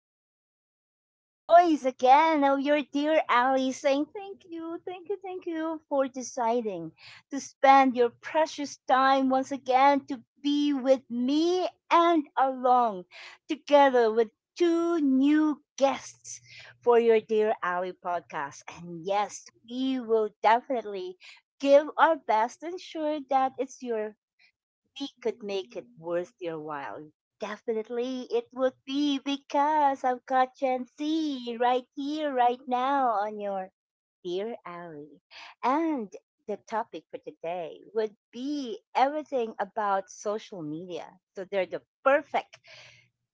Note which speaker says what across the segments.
Speaker 1: yes, it's the voice again of your dear Ali saying thank you, thank you, thank you for deciding to spend your precious time once again to be with me and along together with two new guests for your Dear Ali podcast. And yes, we will definitely give our best ensure that it's your we could make it worth your while. Definitely, it would be because I've got Gen Z right here, right now on your Dear Ally, and the topic for today would be everything about social media. So they're the perfect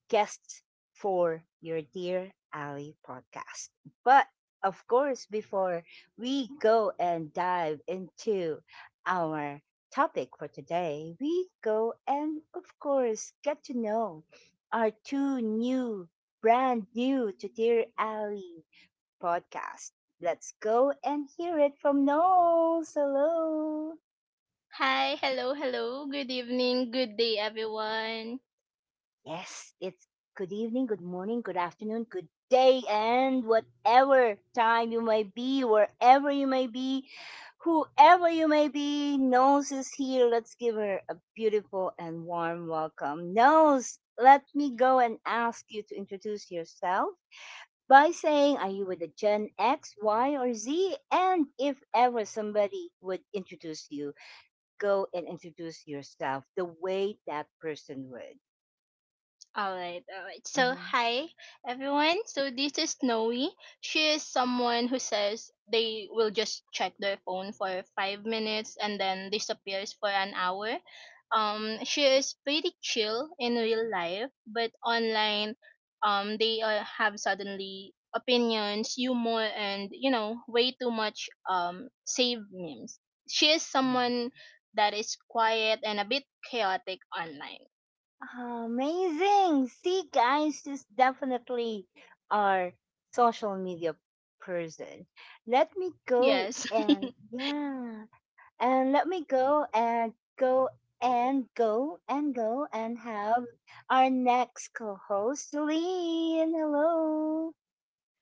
Speaker 1: guests for your Dear Ali podcast. But of course, before we go and dive into our topic for today, we go and, of course, get to know our two new, brand new to Dear Ali podcast. Let's go and hear it from Knowles. Hello.
Speaker 2: Hi, hello, hello. Good evening, good day, everyone.
Speaker 1: Yes, it's good evening, good morning, good afternoon, good day, and whatever time you may be, wherever you may be, whoever you may be, Nose is here. Let's give her a beautiful and warm welcome. Nose, let me go and ask you to introduce yourself by saying, are you with a Gen X, Y, or Z? And if ever somebody would introduce you, go and introduce yourself the way that person would.
Speaker 2: All right, all right. So,
Speaker 1: Mhm.
Speaker 2: hi everyone. So, this is Snowy. She is someone who says they will just check their phone for 5 minutes and then disappears for an hour. She is pretty chill in real life, but online, they have suddenly opinions, humor, and way too much save memes. She is someone that is quiet and a bit chaotic online.
Speaker 1: Amazing. See, guys, this definitely our social media person. Let me go
Speaker 2: Yes.
Speaker 1: and yeah, and let me go and go go and have our next co-host, Celine. Hello,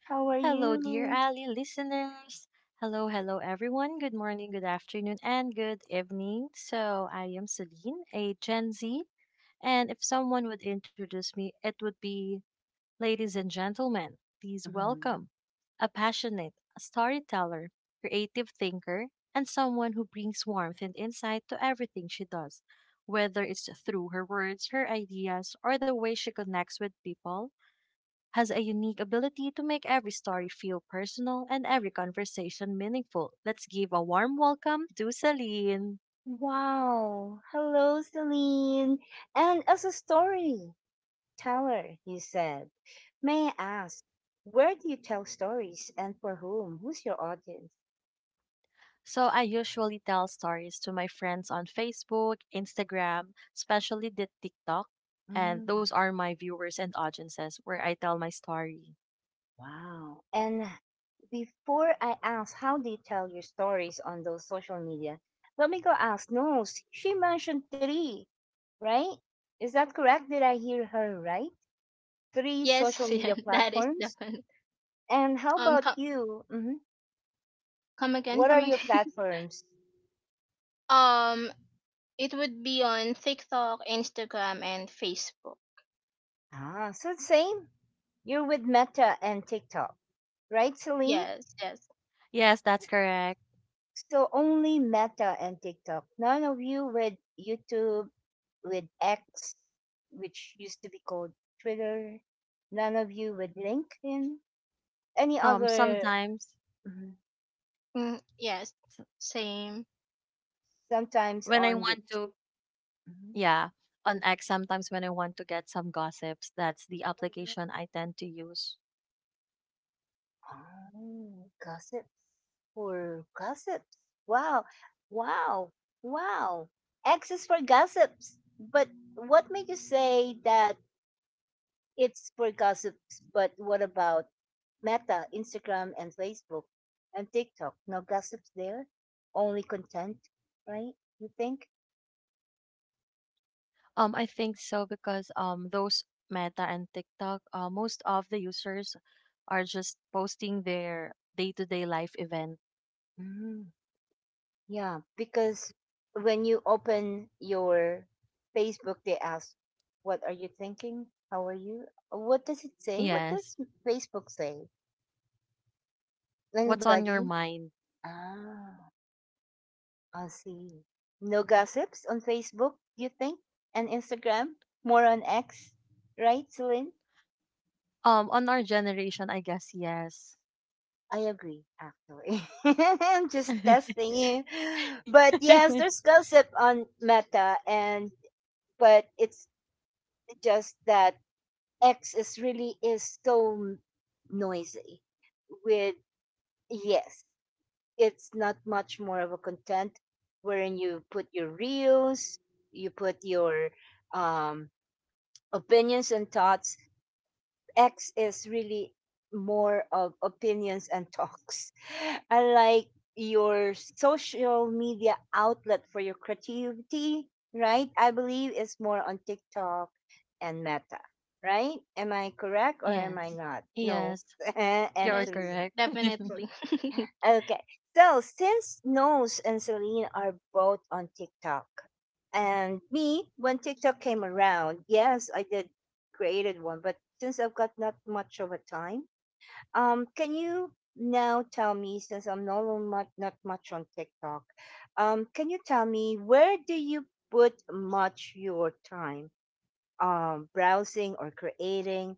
Speaker 1: how are
Speaker 3: Hello, dear
Speaker 1: you?
Speaker 3: Ali listeners. Hello, hello, everyone. Good morning, good afternoon, and good evening. So, I am Celine, a Gen Z. And if someone would introduce me, it would be ladies and gentlemen, please
Speaker 1: Mhm.
Speaker 3: welcome a passionate storyteller, creative thinker, and someone who brings warmth and insight to everything she does, whether it's through her words, her ideas, or the way she connects with people has a unique ability to make every story feel personal and every conversation meaningful. Let's give a warm welcome to Celine.
Speaker 1: Wow. Hello, Celine. And as a story teller, you said. May I ask, where do you tell stories and for whom? Who's your audience?
Speaker 3: So, I usually tell stories to my friends on Facebook, Instagram, especially the TikTok. And
Speaker 1: Mm,
Speaker 3: those are my viewers and audiences where I tell my story.
Speaker 1: wow. And before I ask, how do you tell your stories on those social media? Let me go ask. No, she mentioned three, right? Is that correct? Did I hear her right? Three social
Speaker 2: Yes, yeah,
Speaker 1: media
Speaker 2: that is
Speaker 1: platforms.
Speaker 2: definitely.
Speaker 1: And how about
Speaker 2: Come,
Speaker 1: you? What are
Speaker 2: come
Speaker 1: your
Speaker 2: again.
Speaker 1: platforms?
Speaker 2: um, it would be on TikTok, Instagram, and Facebook.
Speaker 1: Ah, so same. You're with Meta and TikTok, right, Celine?
Speaker 2: Yes, yes,
Speaker 3: Yes, that's correct.
Speaker 1: So only Meta and TikTok. None of you with YouTube, with X, which used to be called Twitter. None of you with LinkedIn. Any
Speaker 3: Um,
Speaker 1: other
Speaker 3: sometimes
Speaker 1: mhm,
Speaker 2: mm, yes,
Speaker 3: s-
Speaker 2: same.
Speaker 1: sometimes
Speaker 3: when I
Speaker 1: on
Speaker 3: want
Speaker 1: which
Speaker 3: to,
Speaker 1: mhm.
Speaker 3: yeah, on X, sometimes when I want to get some gossips, that's the application I tend to use.
Speaker 1: Oh, gossips for gossips. Wow, wow, wow. X is for gossips. But what made you say that it's for gossips, but what about Meta, Instagram, and Facebook, and TikTok? No gossips there, only content, right? You think?
Speaker 3: I think so because those Meta and TikTok, most of the users are just posting their day-to-day life event.
Speaker 1: Mm, yeah, because when you open your Facebook, they ask, what are you thinking? How are you? What does it say? What
Speaker 3: Yes.
Speaker 1: does Facebook say?
Speaker 3: What's on your
Speaker 1: Anybody?
Speaker 3: mind?
Speaker 1: Ah. I see. No gossips on Facebook, you think? And Instagram? More on X? Right, Celine?
Speaker 3: On our generation, I guess yes.
Speaker 1: I agree, actually. I'm just testing you. But yes, there's gossip on Meta and but it's just that X is really is so noisy with yes, it's not much more of a content wherein you put your reels, you put your um opinions and thoughts. X is really more of opinions and talks. Unlike your social media outlet for your creativity, right? I believe is more on TikTok and Meta, right? Am I correct or am I
Speaker 3: Yes.
Speaker 1: not? No,
Speaker 3: Yes.
Speaker 1: and
Speaker 3: You're
Speaker 2: Yes,
Speaker 1: Celine.
Speaker 3: correct.
Speaker 2: definitely.
Speaker 1: Okay, so since Nose and Celine are both on TikTok, and me, when TikTok came around, yes, I did created one, but since I've got not much of a time, can you now tell me, since I'm much not much on TikTok, can you tell me where do you put much your time, browsing or creating?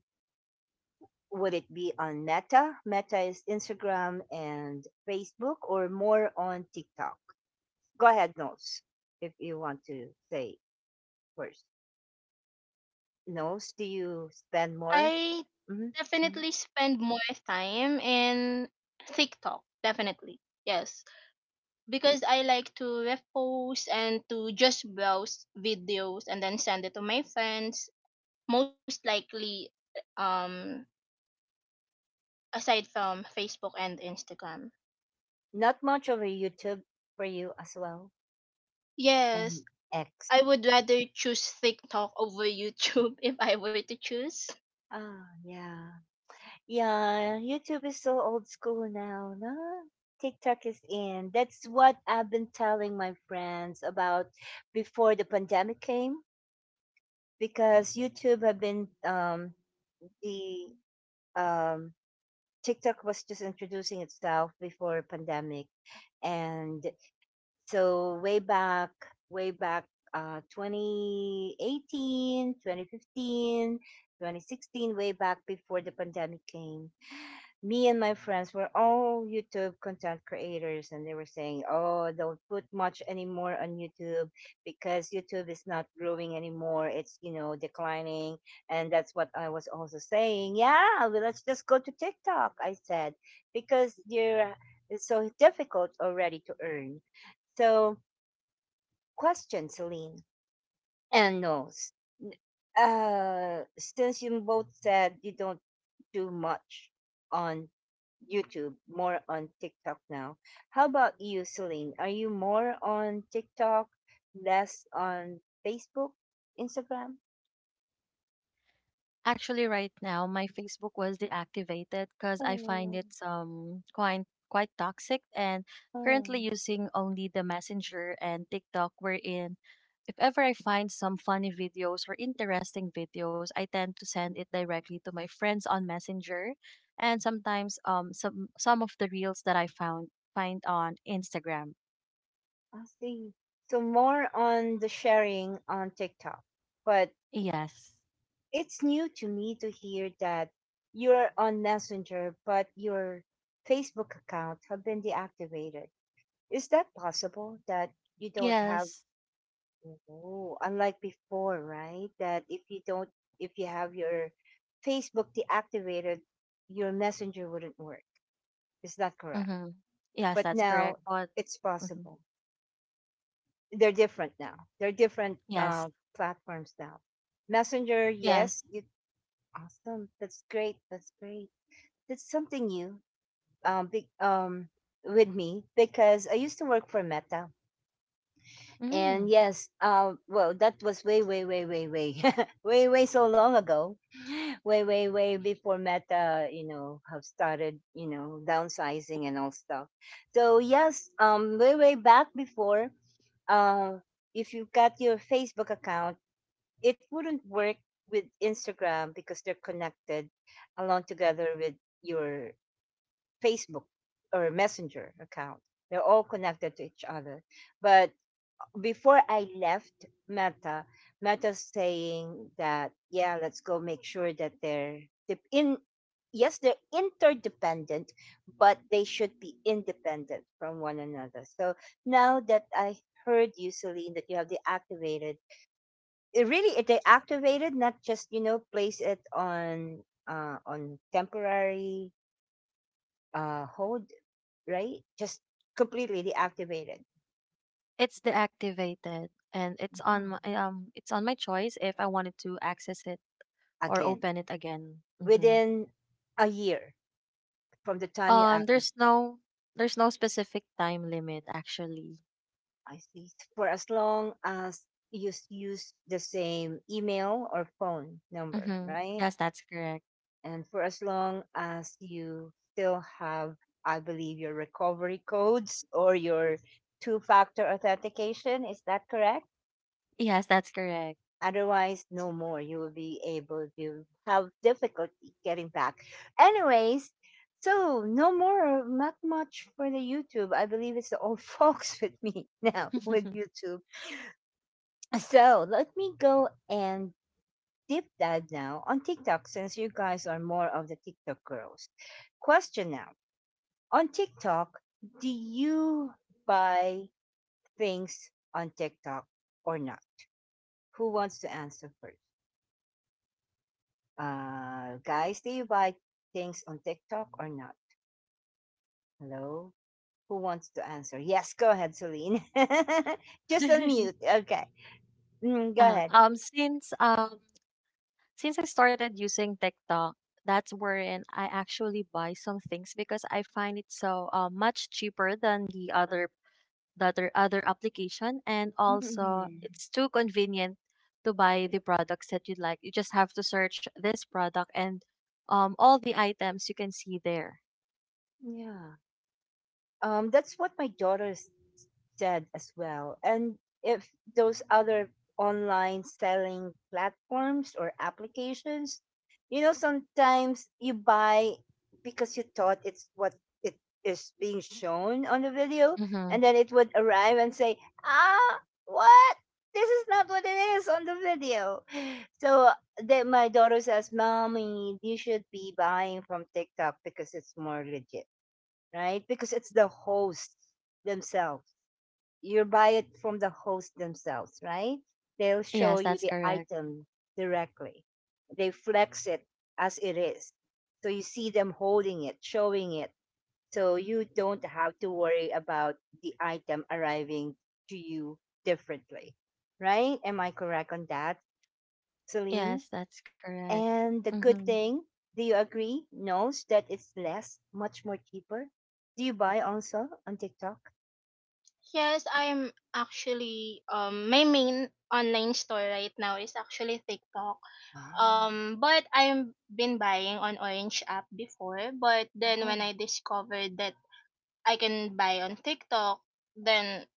Speaker 1: Would it be on Meta? Meta is Instagram and Facebook, or more on TikTok? Go ahead, Nose, if you want to say first. Knows do you spend more?
Speaker 2: I
Speaker 1: hmm
Speaker 2: definitely
Speaker 1: hmm
Speaker 2: spend more time in TikTok. Definitely, yes, because I like to repost and to just browse videos and then send it to my friends. Most likely, um aside from Facebook and Instagram.
Speaker 1: Not much over YouTube for you as well
Speaker 2: Yes,
Speaker 1: and X.
Speaker 2: I would rather choose TikTok over YouTube if I were to choose.
Speaker 1: Ah, yeah, yeah. YouTube is so old school now. No, TikTok is in. That's what I've been telling my friends about before the pandemic came because YouTube have been the um TikTok was just introducing itself before pandemic and so way back 2018, 2015, 2016, way back before the pandemic came, me and my friends were all YouTube content creators and they were saying, oh, don't put much anymore on YouTube because YouTube is not growing anymore. It's, you know, declining. And that's what I was also saying. Yeah, well, let's just go to TikTok, I said, because it's so difficult already to earn. So question, Celine. And no, since you both said you don't do much on YouTube, more on TikTok now. How about you, Celine? Are you more on TikTok, less on Facebook, Instagram?
Speaker 3: Actually, right now, my Facebook was deactivated because I find
Speaker 1: Oh,
Speaker 3: it quite quite toxic, and currently
Speaker 1: oh,
Speaker 3: using only the Messenger and TikTok, wherein if ever I find some funny videos or interesting videos, I tend to send it directly to my friends on Messenger, and sometimes some of the reels that I found find on Instagram.
Speaker 1: I see. So more on the sharing on TikTok, but
Speaker 3: Yes.
Speaker 1: it's new to me to hear that you're on Messenger, but your Facebook account have been deactivated. Is that possible that you don't have?
Speaker 3: Yes.
Speaker 1: Oh, unlike before, right? That if you don't, if you have your Facebook deactivated, your Messenger wouldn't work. Is that correct?
Speaker 3: Mm-hmm. Yes,
Speaker 1: But
Speaker 3: that's correct.
Speaker 1: now
Speaker 3: But
Speaker 1: it's
Speaker 3: mhm,
Speaker 1: possible. They're different now. They're different
Speaker 3: yes.
Speaker 1: platforms now. Messenger,
Speaker 3: Yes.
Speaker 1: yes, you, awesome. That's great. That's great. That's something new um, be, um, with me because I used to work for Meta. And
Speaker 3: Mm.
Speaker 1: yes, well, that was way, way, way, way, way, way, way so long ago, way, way, way before Meta, you know, have started, you know, downsizing and all stuff. So yes, way, way back before, uh, if you got your Facebook account, it wouldn't work with Instagram because they're connected along together with your Facebook or Messenger account. They're all connected to each other. But before I left Meta, Meta's saying that, yeah, let's go make sure that de- in, yes, they're interdependent, but they should be independent from one another. So now that I heard you, Celine, that you have deactivated, it really, it deactivated, not just, you know, place it on temporary hold, right? Just completely deactivated.
Speaker 3: It's deactivated, and
Speaker 1: Mhm.
Speaker 3: it's on my choice if I wanted to access it or
Speaker 1: Again
Speaker 3: open it again.
Speaker 1: within a year from the time you act.
Speaker 3: There's no specific time limit actually.
Speaker 1: I see. For as long as you use the same email or phone number,
Speaker 3: Mm-hmm.
Speaker 1: right?
Speaker 3: Yes, that's correct.
Speaker 1: And for as long as you still have, I believe, your recovery codes or your two factor authentication. Is that correct?
Speaker 3: Yes, that's correct.
Speaker 1: Otherwise, no more. You will be able to have difficulty getting back. Anyways, so no more, not much for the YouTube. I believe it's the old folks with me now with YouTube. So let me go and deep dive now on TikTok since you guys are more of the TikTok girls. Question now on TikTok, do you buy things on TikTok or not? Who wants to answer first? Guys, do you buy things on TikTok or not? Hello? Who wants to answer? Yes, go ahead, Celine. Just unmute. Okay. Mm, go
Speaker 3: uh,
Speaker 1: ahead.
Speaker 3: um, since um since I started using TikTok, that's wherein I actually buy some things because I find it so much cheaper than the other that or other application, and also
Speaker 1: Mhm.
Speaker 3: it's too convenient to buy the products that you'd like. You just have to search this product, and all the items you can see there.
Speaker 1: Yeah. That's what my daughter's. Said as well. And if those other online selling platforms or applications, you know, sometimes you buy because you thought it's what it is being shown on the video,
Speaker 3: Mm-hmm.
Speaker 1: and then it would arrive and say, ah, what? This is not what it is on the video. So then my daughter says, Mommy, you should be buying from TikTok because it's more legit, right? Because it's the hosts themselves you buy it from the host themselves, right? They'll show
Speaker 3: Yes,
Speaker 1: you
Speaker 3: that's
Speaker 1: the
Speaker 3: correct.
Speaker 1: item directly. They flex it as it is. So you see them holding it, showing it. So you don't have to worry about the item arriving to you differently, right? Am I correct on that, Celine?
Speaker 3: Yes, that's correct.
Speaker 1: And the
Speaker 3: Mm-hmm.
Speaker 1: good thing, do you agree? Knows that it's less, much more cheaper. Do you buy also on TikTok?
Speaker 2: Yes, I'm actually my main online store right now is actually TikTok.
Speaker 1: Ah,
Speaker 2: But I've been buying on Orange app before, but then when
Speaker 1: mm,
Speaker 2: I discovered that I can buy on TikTok, then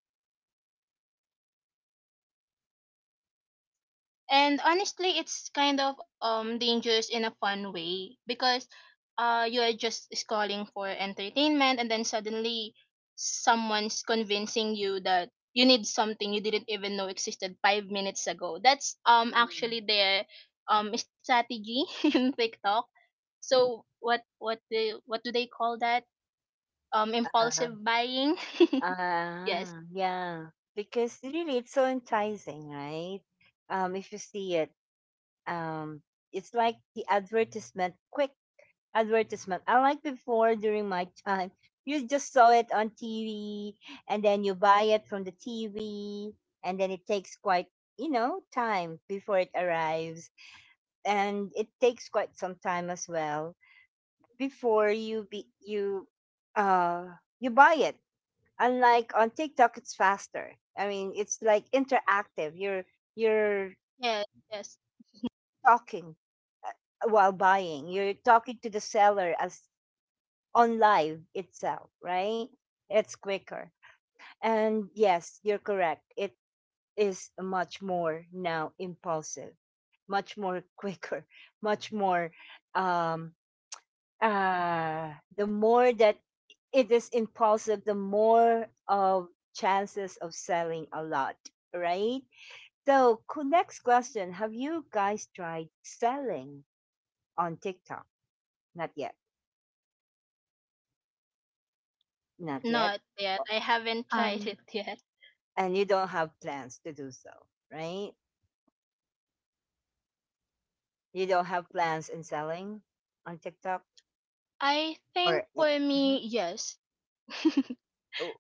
Speaker 2: and honestly it's kind of dangerous in a fun way because you're just scrolling for entertainment and then suddenly someone's convincing you that you need something you didn't even know existed 5 minutes ago. That's actually their strategy in TikTok. So what do they call that?
Speaker 1: mm.
Speaker 2: Impulsive buying. Yes,
Speaker 1: Ah, yeah. Because really, it's so enticing, right? If you see it, um, it's like the advertisement, quick advertisement. Unlike before during my time, you just saw it on TV, and then you buy it from the TV, and then it takes quite, you know, time before it arrives, and it takes quite some time as well before uh, you buy it unlike on TikTok, it's faster. I mean, it's like interactive. You're
Speaker 2: yes, yes,
Speaker 1: talking while buying. You're talking to the seller as on live itself, right? It's quicker. And yes, you're correct. It is much more now impulsive, much more quicker, much more um uh the more that it is impulsive, the more of chances of selling a lot, right? So, cool, next question. Have you guys tried selling on TikTok? Not yet. Not yet.
Speaker 2: not yet.
Speaker 1: O-
Speaker 2: I haven't tried it
Speaker 3: um
Speaker 2: yet.
Speaker 1: And you don't have plans to do so, right? You don't have plans in selling on TikTok?
Speaker 2: I
Speaker 1: Or
Speaker 2: think for me,
Speaker 1: mhm.
Speaker 2: yes.
Speaker 1: Oh,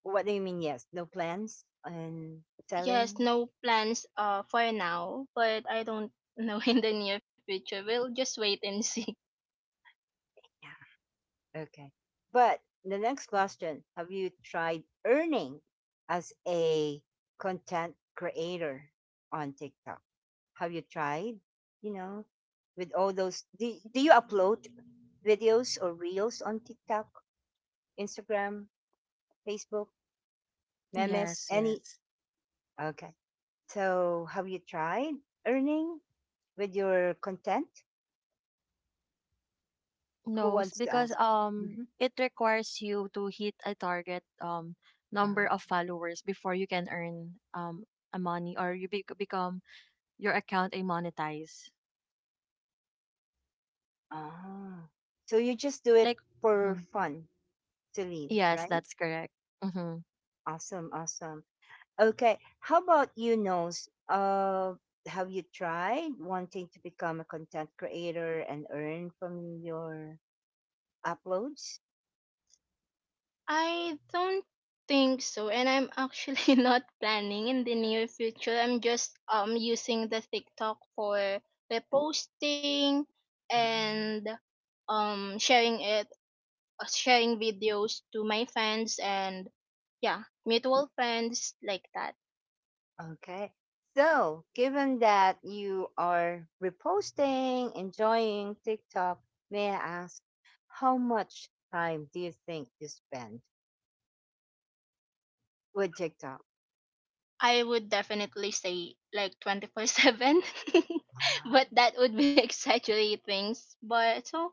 Speaker 1: what do you mean, yes? No plans on
Speaker 2: yes,
Speaker 1: selling?
Speaker 2: no plans for now, but I don't know in the near future. We'll just wait and see.
Speaker 1: Okay. But the next question have you tried earning as a content creator on TikTok? Have you tried, you know, with all those? Do you upload videos or reels on TikTok, Instagram, Facebook, memes,
Speaker 3: yes,
Speaker 1: any?
Speaker 3: yes.
Speaker 1: Okay. So have you tried earning with your content? Who
Speaker 3: no s-
Speaker 1: wants to
Speaker 3: Because
Speaker 1: answer? Mm-hmm.
Speaker 3: it requires you to hit a target number
Speaker 1: Ah,
Speaker 3: of followers before you can earn a money, or you be become your account a monetize
Speaker 1: ah. So you just do
Speaker 3: like.
Speaker 1: it for fun to leave,
Speaker 3: Yes,
Speaker 1: right?
Speaker 3: that's correct. Mm-hmm.
Speaker 1: Awesome, awesome. Okay, how about you, Nose? Have you tried wanting to become a content creator and earn from your uploads?
Speaker 2: I don't think so, and I'm actually not planning in the near future. I'm just using the TikTok for reposting
Speaker 1: Um,
Speaker 2: and sharing it, sharing videos to my friends and yeah, mutual friends like that.
Speaker 1: Okay, so given that you are reposting, enjoying TikTok, may I ask how much time do you think you spend with TikTok?
Speaker 2: I would definitely say like 24/7.
Speaker 1: Wow.
Speaker 2: But that would be exaggerating. s- But so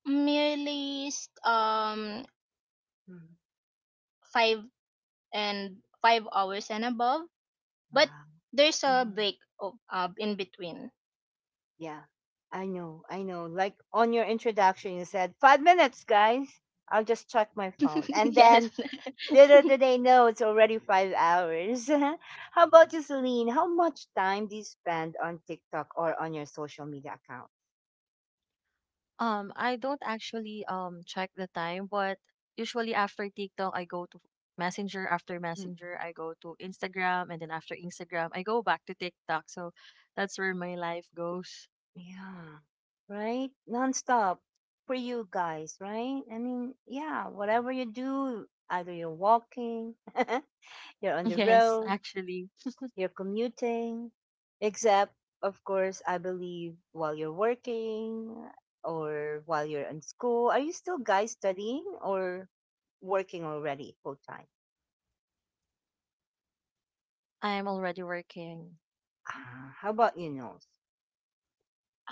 Speaker 2: merely s- um
Speaker 1: Mhm.
Speaker 2: 5 and 5 hours and above. But
Speaker 1: Wow.
Speaker 2: there's a break of, in between.
Speaker 1: Yeah, I know, I know. Like on your introduction, you said 5 minutes, guys. I'll just check my phone, and then
Speaker 2: Yes.
Speaker 1: little do they know it's already 5 hours. How about you, Celine? How much time do you spend on TikTok or on your social media account?
Speaker 3: I don't actually check the time, but usually after TikTok, I go to Messenger. After
Speaker 1: Mm.
Speaker 3: Messenger, I go to Instagram, and then after Instagram, I go back to TikTok. So that's where my life goes.
Speaker 1: Yeah, right? Nonstop for you guys, right? I mean, yeah, whatever you do, either you're walking, you're on the
Speaker 3: Yes,
Speaker 1: road,
Speaker 3: actually,
Speaker 1: you're commuting, except, of course, I believe while you're working or while you're in school. Are you still guys studying or working already full time?
Speaker 3: I am already working.
Speaker 1: Ah, how about you, Nose?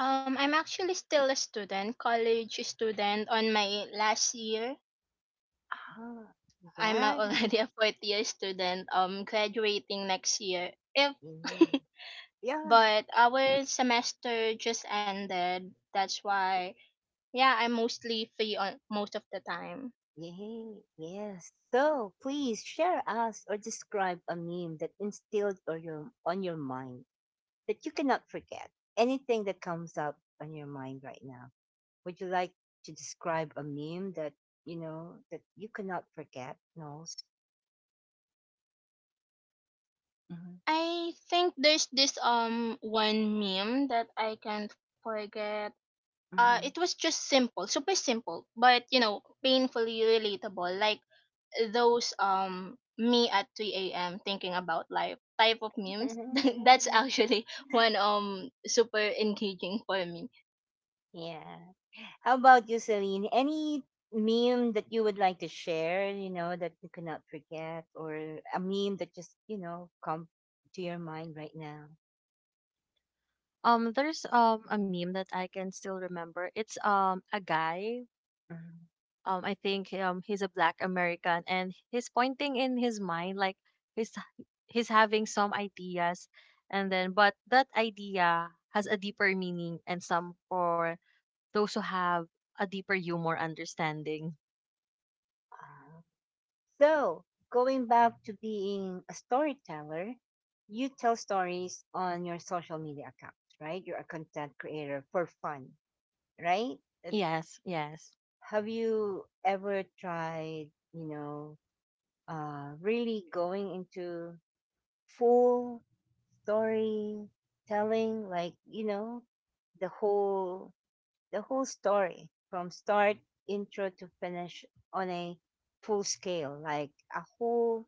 Speaker 2: I'm actually still a student, college student on my last year.
Speaker 1: Ah,
Speaker 2: I'm
Speaker 1: congrats.
Speaker 2: already a 4th year student graduating next year. If
Speaker 1: Yay. Yeah,
Speaker 2: but our semester just ended. That's why yeah, I'm mostly free on most of the time.
Speaker 1: yay, yes. So please share us or describe a meme that instilled or your, on your mind that you cannot forget. Anything that comes up on your mind right now. Would you like to describe a meme that you know that you cannot forget, Knowles? Hmm,
Speaker 2: I think there's this one meme that I can't forget. It was
Speaker 1: hmm.
Speaker 2: just simple, super simple, but you know, painfully relatable. Like those me at 3 a.m. thinking about life type of memes. That's actually one super engaging for me.
Speaker 1: Yeah. How about you, Celine? Any meme that you would like to share? You know that you cannot forget, or a meme that just you know come to your mind right now.
Speaker 3: There's a meme that I can still remember. It's a guy,
Speaker 1: Mhm.
Speaker 3: I think he's a black American, and he's pointing in his mind like he's he's having some ideas, and then but that idea has a deeper meaning and some for those who have a deeper humor understanding.
Speaker 1: Ah. So going back to being a storyteller, you tell stories on your social media accounts, right? You're a content creator for fun, right? It's,
Speaker 3: Yes, yes.
Speaker 1: have you ever tried, you know, really going into full story telling, like you know, the whole the whole story from start intro to finish on a full scale, like a whole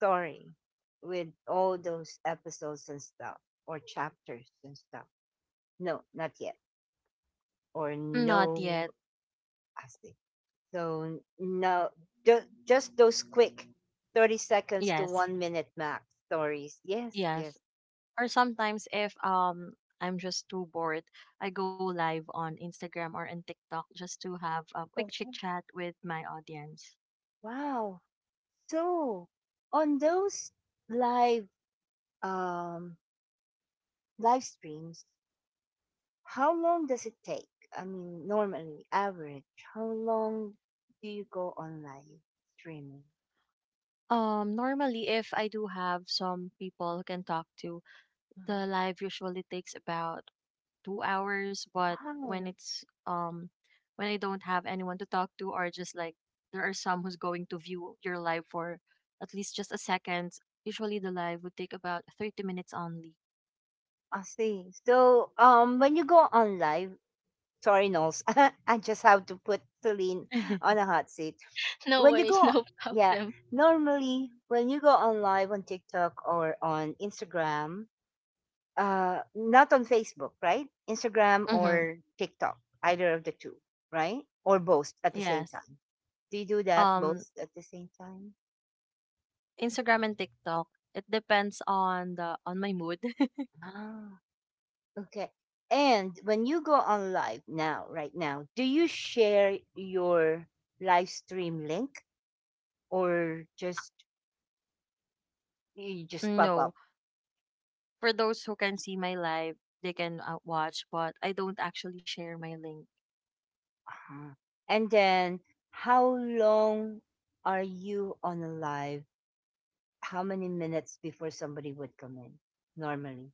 Speaker 1: story with all those episodes and stuff or chapters and stuff. No, not yet. Or
Speaker 3: Not
Speaker 1: no,
Speaker 3: yet.
Speaker 1: I see. So no, just those quick 30 seconds to
Speaker 3: Yes.
Speaker 1: one minute max stories. Yes,
Speaker 3: Yes.
Speaker 1: yes.
Speaker 3: Or sometimes if I'm just too bored, I go live on Instagram or on TikTok just to have a quick
Speaker 1: Oh
Speaker 3: chit chat with my audience.
Speaker 1: wow! So on those live um live streams, how long does it take? I mean, normally average, how long do you go on live streaming?
Speaker 3: Normally, if I do have some people who can talk to,
Speaker 1: Mhm.
Speaker 3: the live usually takes about 2 hours. But when
Speaker 1: Wow,
Speaker 3: it's when I don't have anyone to talk to, or just like there are some who's going to view your live for at least just a second, usually the live would take about 30 minutes only.
Speaker 1: I see. So when you go on live, sorry, Knowles, I just have to put Celine on a hot seat.
Speaker 2: No
Speaker 1: When you
Speaker 2: worries,
Speaker 1: go,
Speaker 2: no
Speaker 1: yeah,
Speaker 2: problem.
Speaker 1: normally when you go on live on TikTok or on Instagram, not on Facebook, right? Instagram
Speaker 3: Mm-hmm.
Speaker 1: or TikTok, either of the two, right? Or both at the same
Speaker 3: Yes.
Speaker 1: time, do you do that
Speaker 3: Um,
Speaker 1: both at the same time?
Speaker 3: Instagram and TikTok. It depends on the on my mood.
Speaker 1: Ah, okay. And when you go on live now, right now, do you share your live stream link or just you just pop
Speaker 3: No,
Speaker 1: up?
Speaker 3: for those who can see my live, they can watch, but I don't actually share my link.
Speaker 1: Uh-huh. And then, how long are you on a live? How many minutes before somebody would come in normally?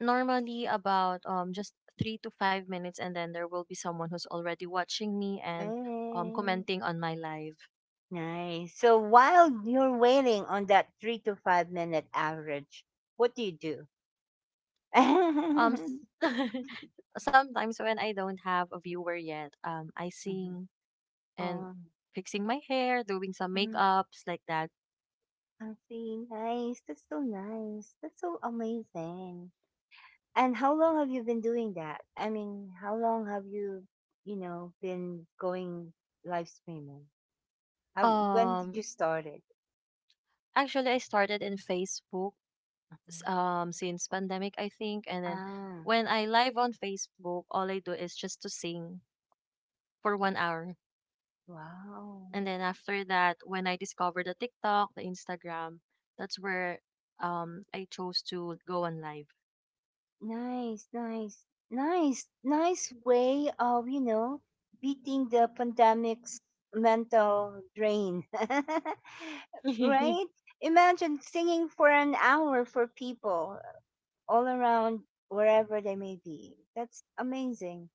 Speaker 3: Normally, about just 3 to 5 minutes, and then there will be someone who's already watching me and
Speaker 1: Mm,
Speaker 3: commenting on my live.
Speaker 1: nice. So while you're waiting on that 3 to 5 minute average, what do you do?
Speaker 3: Um, s- sometimes when I don't have a viewer yet, I
Speaker 1: Mhm.
Speaker 3: sing and
Speaker 1: Oh,
Speaker 3: fixing my hair, doing some
Speaker 1: mhm.
Speaker 3: makeups like that.
Speaker 1: I see. Nice. That's so nice. That's so amazing. And how long have you been doing that? I mean, how long have you, you know, been going live streaming? How, when did
Speaker 3: Um,
Speaker 1: you start it?
Speaker 3: actually, I started in Facebook
Speaker 1: Mhm.
Speaker 3: since pandemic I think, and then
Speaker 1: Ah,
Speaker 3: when I live on Facebook all I do is just to sing for 1 hour,
Speaker 1: wow.
Speaker 3: and then after that when I discover the TikTok the Instagram, that's where I chose to go on live.
Speaker 1: Nice, nice, nice, nice way of, you know, beating the pandemic's mental drain. Right? Imagine singing for an hour for people all around wherever they may be. That's amazing.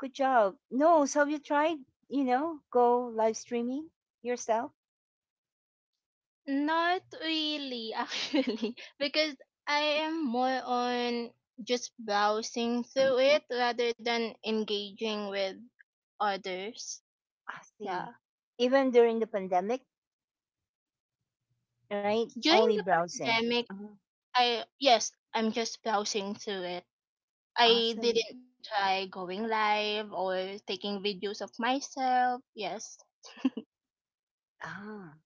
Speaker 1: Good job. No, so have you tried, you know, go live streaming yourself?
Speaker 2: Not really, actually, because I am more on just browsing through it rather than engaging with others.
Speaker 1: I
Speaker 2: Yeah.
Speaker 1: see. Even during the pandemic, right?
Speaker 2: During
Speaker 1: Only
Speaker 2: the
Speaker 1: browsing.
Speaker 2: pandemic,
Speaker 1: Uh-huh.
Speaker 2: I, yes, I'm just browsing through it. I
Speaker 1: Awesome.
Speaker 2: didn't try going live or taking videos of myself. Yes.
Speaker 1: Ah,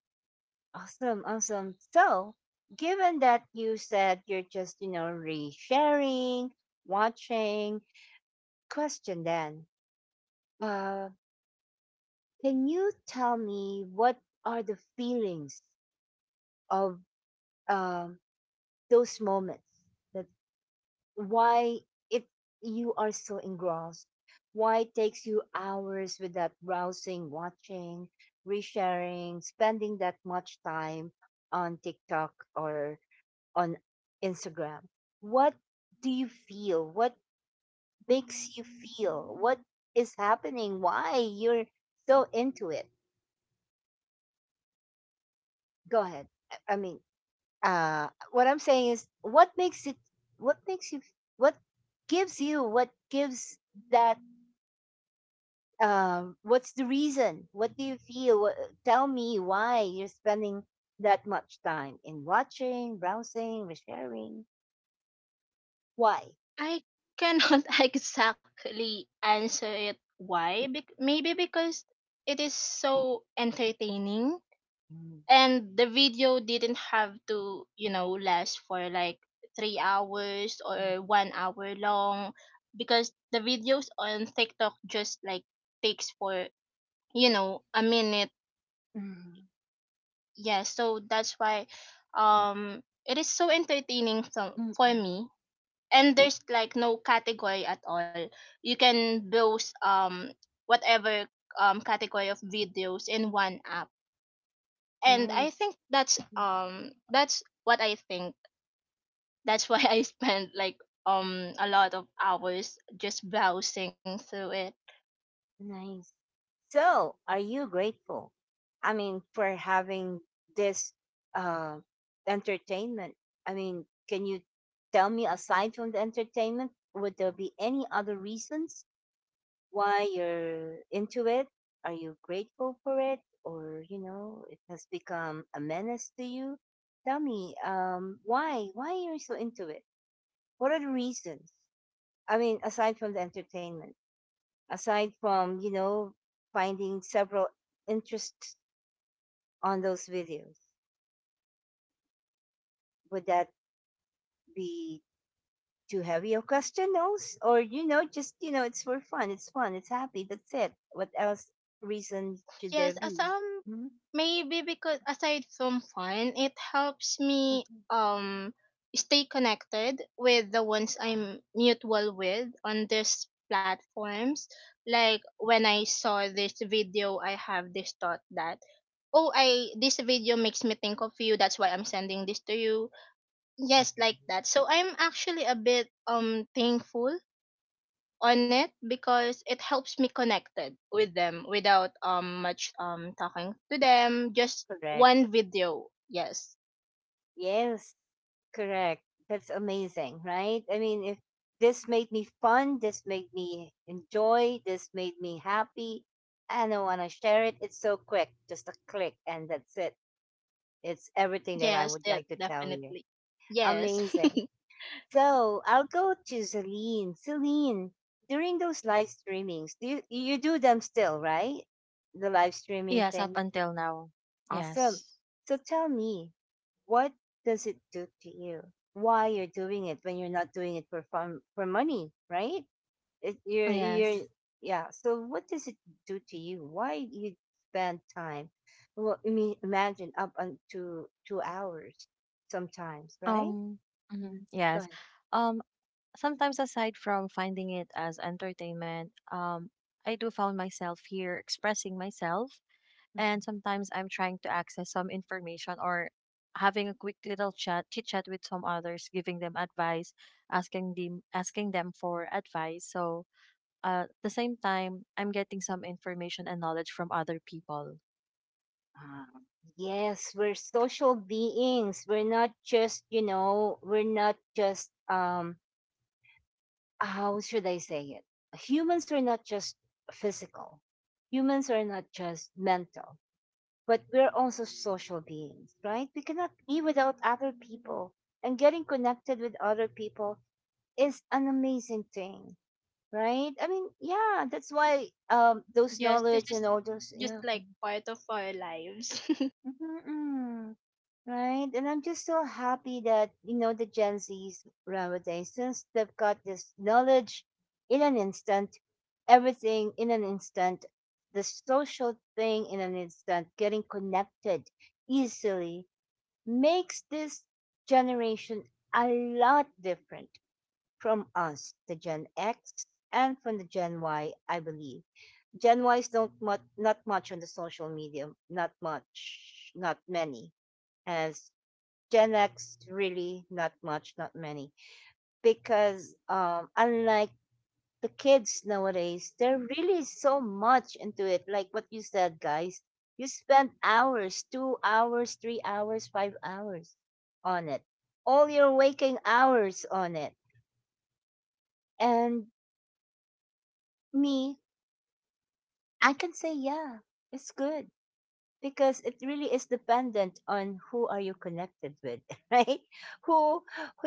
Speaker 1: awesome, awesome. So, given that you said you're just, you know, resharing, watching, question then, uh, can you tell me what are the feelings of um, those moments that why if you are so engrossed, why it takes you hours without browsing, watching, resharing, spending that much time on TikTok or on Instagram? What do you feel? What makes you feel? What is happening? Why you're so into it? Go ahead. I mean uh what I'm saying is what makes it, what makes you, what gives you, what gives that what's the reason? What do you feel? What, tell me why you're spending that much time in watching, browsing, resharing. Why?
Speaker 2: I cannot exactly answer it why. Maybe because it is so entertaining
Speaker 1: Mm,
Speaker 2: and the video didn't have to, you know, last for like 3 hours or 1 hour long, because the videos on TikTok just like takes for, you know, a minute.
Speaker 1: mm,
Speaker 2: Yeah, so that's why um it is so entertaining
Speaker 1: mm,
Speaker 2: for
Speaker 1: mm.
Speaker 2: me. And there's like no category at all. You can browse whatever category of videos in one app, and I
Speaker 1: Nice,
Speaker 2: think
Speaker 1: mm,
Speaker 2: that's what I think. That's why I spent like a lot of hours just browsing through it.
Speaker 1: nice. So, are you grateful? I mean, for having this uh, entertainment. I mean, can you tell me aside from the entertainment, would there be any other reasons why you're into it? Are you grateful for it? Or, you know, it has become a menace to you? Tell me, why? Why are you so into it? What are the reasons? I mean, aside from the entertainment, aside from, you know, finding several interests on those videos, would that be too heavy a question, those? Or, you know, just, you know, it's for fun, it's happy, that's it. What else reason should
Speaker 2: Yes,
Speaker 1: there
Speaker 2: as
Speaker 1: be? Mhm.
Speaker 2: maybe because aside from fun, it helps me
Speaker 1: Mhm.
Speaker 2: um stay connected with the ones I'm mutual with on these platforms. Like when I saw this video, I have this thought that, oh, I this video makes me think of you, that's why I'm sending this to you. Yes, like that. So I'm actually a bit thankful on it because it helps me connected with them without much talking to them, just
Speaker 1: Correct.
Speaker 2: one video. Yes,
Speaker 1: Yes. Correct. That's amazing, right? I mean, if this made me fun, this made me enjoy, this made me happy, and I want to share it, it's so quick, just a click, and that's it. It's everything that I
Speaker 2: yes,
Speaker 1: would
Speaker 2: that
Speaker 1: like to tell you.
Speaker 2: definitely. Yes.
Speaker 1: Amazing. So I'll go to Celine. Celine, during those live streamings, do you, you do them still, right? The live streaming
Speaker 3: Yes, up
Speaker 1: thing.
Speaker 3: until now.
Speaker 1: Awesome.
Speaker 3: Yes,
Speaker 1: So tell me, what does it do to you? Why you're doing it when you're not doing it for fun, for money, right? It, you're,
Speaker 3: yes.
Speaker 1: yeah. So what does it do to you? Why you spend time? Well, I mean, imagine up to 2 hours sometimes, right?
Speaker 3: um
Speaker 1: Mhm.
Speaker 3: mhm,
Speaker 1: Go
Speaker 3: yes.
Speaker 1: ahead.
Speaker 3: um Sometimes aside from finding it as entertainment, I do found myself here expressing myself, and
Speaker 1: Mhm.
Speaker 3: sometimes I'm trying to access some information or having a quick little chat, chit chat with some others, giving them advice, asking them for advice. So at the same time, I'm getting some information and knowledge from other people.
Speaker 1: Ah, yes, we're social beings. We're not just, you know, we're not just how should I say it? Humans are not just physical. Humans are not just mental, but we're also social beings, right? We cannot be without other people. And getting connected with other people is an amazing thing, right? I mean, yeah, that's why those
Speaker 2: Yes, this
Speaker 1: knowledge and
Speaker 2: is
Speaker 1: all those,
Speaker 2: just
Speaker 1: yeah.
Speaker 2: like
Speaker 1: Mm-hmm,
Speaker 2: part of our lives.
Speaker 1: mm-hmm, mm-hmm. Right. And I'm just so happy that, you know, the Gen Zs nowadays, since they've got this knowledge in an instant, everything in an instant, the social thing in an instant, getting connected easily makes this generation a lot different from us, the Gen X and from the Gen Y, I believe. Gen Ys don't much, not much on the social media, not much, not many as Gen X, really not much, not many, because unlike the kids nowadays, they're really so much into it. Like what you said, guys, you spend hours, 2 hours, 3 hours, 5 hours on it, all your waking hours on it. And me, I can say, yeah, it's good, because it really is dependent on who are you connected with, right? Who who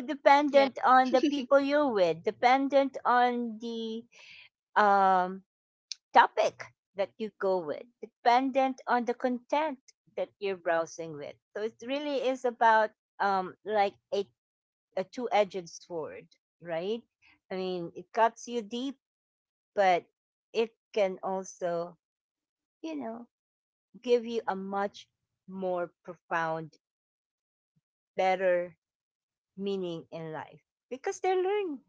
Speaker 2: Yeah.
Speaker 1: dependent on the people you're with, dependent on the um topic that you go with, dependent on the content that you're browsing with. So it really is about like a two-edged sword, right? I mean, it cuts you deep, but it can also, you know, give you a much more profound, better meaning in life, because they learn.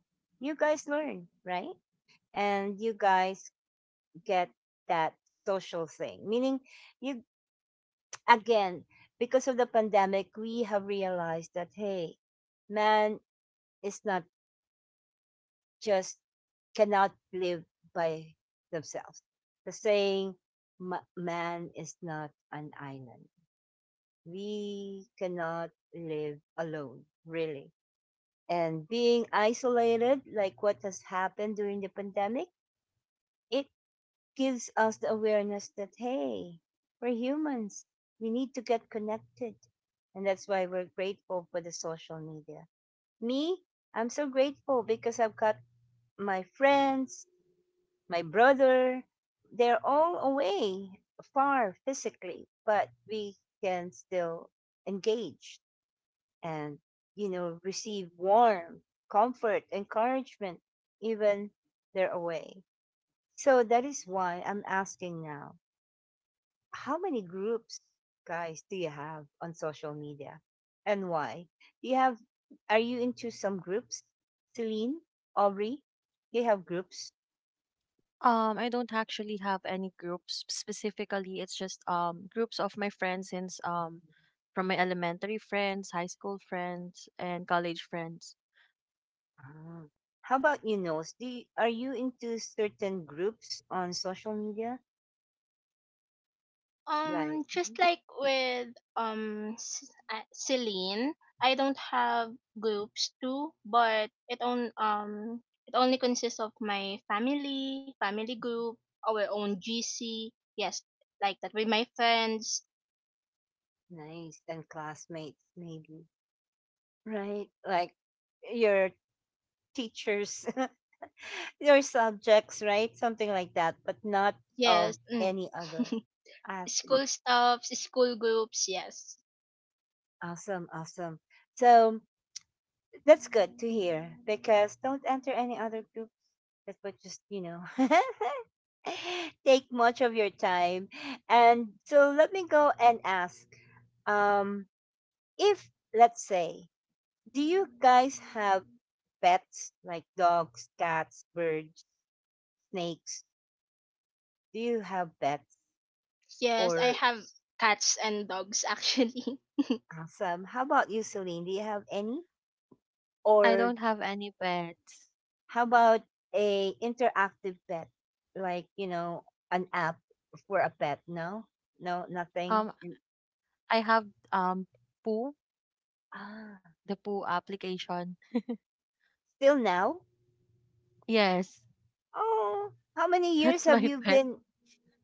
Speaker 1: You guys learn, right? And you guys get that social thing. Meaning, you, again, because of the pandemic, we have realized that hey, man is not just, cannot live by themselves. The saying, "Ma- man is not an island." We cannot live alone, really, and being isolated, like what has happened during the pandemic, it gives us the awareness that, hey, we're humans. We need to get connected. And that's why we're grateful for the social media. Me, I'm so grateful because I've got my friends, my brother. They're all away far physically, but we can still engage and you know receive warmth, comfort, encouragement, even they're away. So that is why I'm asking now: how many groups, guys, do you have on social media, and why? Do you have? Are you into some groups, Celine, Aubrey? Do you have groups?
Speaker 3: I don't actually have any groups specifically. It's just groups of my friends, since from my elementary friends, high school friends, and college friends.
Speaker 1: Ah. How about you, Nose? Do you, are you into certain groups on social media? Like,
Speaker 2: Just
Speaker 1: mhm.
Speaker 2: like with Celine, I don't have groups too, but it on it only consists of my family, family group, our own GC. Yes, like that with my friends.
Speaker 1: Nice, and classmates maybe. Right. Like your teachers, your subjects, right? Something like that, but not of
Speaker 2: Yes, mm.
Speaker 1: any other. I see.
Speaker 2: school stuffs, school groups. Yes,
Speaker 1: Awesome. Awesome. So that's good to hear, because don't enter any other groups that would just, you know, take much of your time. And so let me go and ask um, if, let's say, do you guys have pets like dogs, cats, birds, snakes? Do you have pets?
Speaker 2: yes, I
Speaker 1: Or
Speaker 2: have cats and dogs actually.
Speaker 1: awesome. How about you, Celine? Do you have any?
Speaker 3: I
Speaker 1: Or
Speaker 3: don't have any pets.
Speaker 1: how about a interactive pet? Like, you know, an app for a pet? No? No, nothing?
Speaker 3: Um,
Speaker 1: You,
Speaker 3: I have um Pooh,
Speaker 1: ah,
Speaker 3: the Poo application.
Speaker 1: still now?
Speaker 3: Yes,
Speaker 1: Oh, how many
Speaker 3: that's
Speaker 1: years
Speaker 3: my
Speaker 1: have you
Speaker 3: pet.
Speaker 1: been?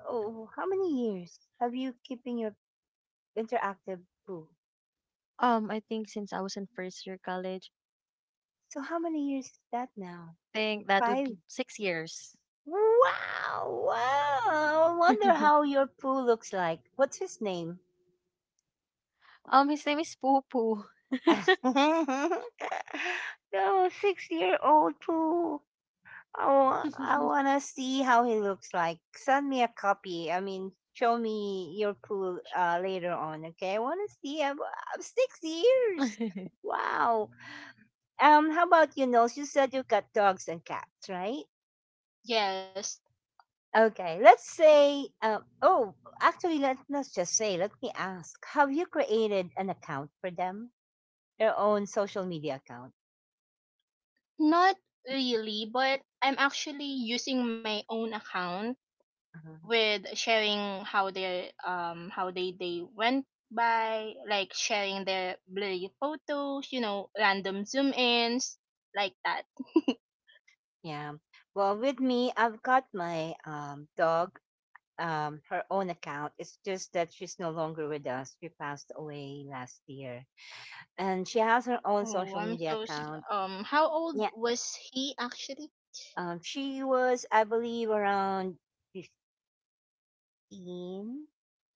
Speaker 1: Oh, how many years have you keeping your interactive poo?
Speaker 3: I think since I was in first year college,
Speaker 1: So how many years is that now?
Speaker 3: I think that would be
Speaker 1: Five.
Speaker 3: 6 years.
Speaker 1: Wow, wow. I wonder how your poo looks like. What's his name?
Speaker 3: His name is Poo Poo.
Speaker 1: No, 6 year old too. I wanna see how he looks like. Send me a copy. I mean, show me your pool later on, okay? I wanna see. I'm 6 years. Wow. How about you, Nils? You said you got dogs and cats, right?
Speaker 2: yes,
Speaker 1: Okay. Let's say. Oh, Actually, let's just say. Let me ask. Have you created an account for them? Their own social media account.
Speaker 2: not really, but I'm actually using my own account
Speaker 1: Uh-huh.
Speaker 2: with sharing how they went by like sharing their blurry photos, you know, random zoom ins like that.
Speaker 1: Yeah. Well, with me, I've got my dog, her own account. It's just that she's no longer with us. She passed away last year. And she has her own
Speaker 2: Oh,
Speaker 1: social
Speaker 2: I'm
Speaker 1: media
Speaker 2: so
Speaker 1: account.
Speaker 2: how old
Speaker 1: Yeah.
Speaker 2: was he actually?
Speaker 1: She was, I believe, around 15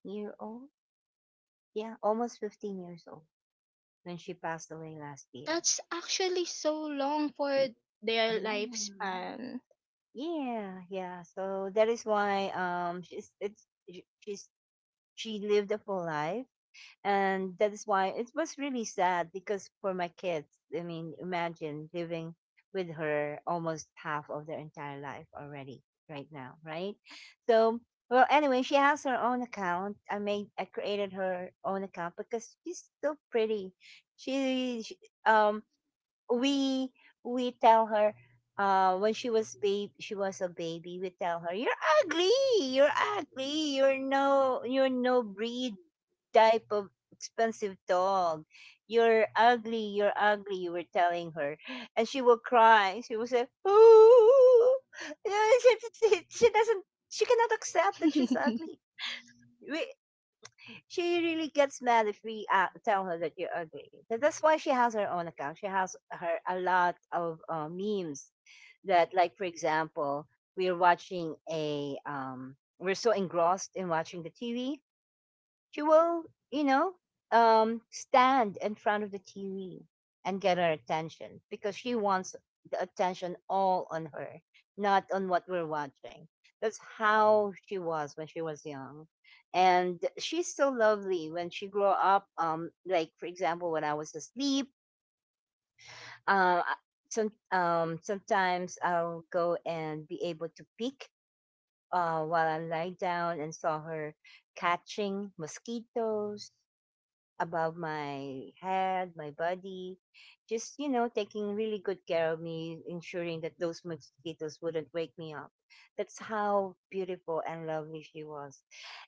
Speaker 1: year old. Yeah, almost 15 years old when she passed away last year.
Speaker 2: That's actually so long for their
Speaker 1: Yeah.
Speaker 2: lifespan.
Speaker 1: Yeah, yeah. So that is why she's it's sh- she's she lived a full life, and that is why it was really sad. Because for my kids, I mean, imagine living with her almost half of their entire life already right now, right? So, well, anyway, she has her own account. I created her own account because she's so pretty. She um we tell her, when she was a baby, we tell her, you're ugly. You're ugly You're no breed type of expensive dog. You're ugly, you're ugly, we're telling her. And she will cry, she will say, oh. she, she doesn't she cannot accept that she's ugly. We She really gets mad if we tell her that you're ugly. So that's why she has her own account. She has her a lot of memes that, like for example, we're so engrossed in watching the TV. She will, you know, stand in front of the TV and get our attention because she wants the attention all on her, not on what we're watching. That's how she was when she was young. And she's so lovely when she grew up. Like for example, when I was asleep, uh, sometimes I'll go and be able to peek while I lie down and saw her catching mosquitoes above my head, my body, just taking really good care of me, ensuring that those mosquitoes wouldn't wake me up. That's how beautiful and lovely she was.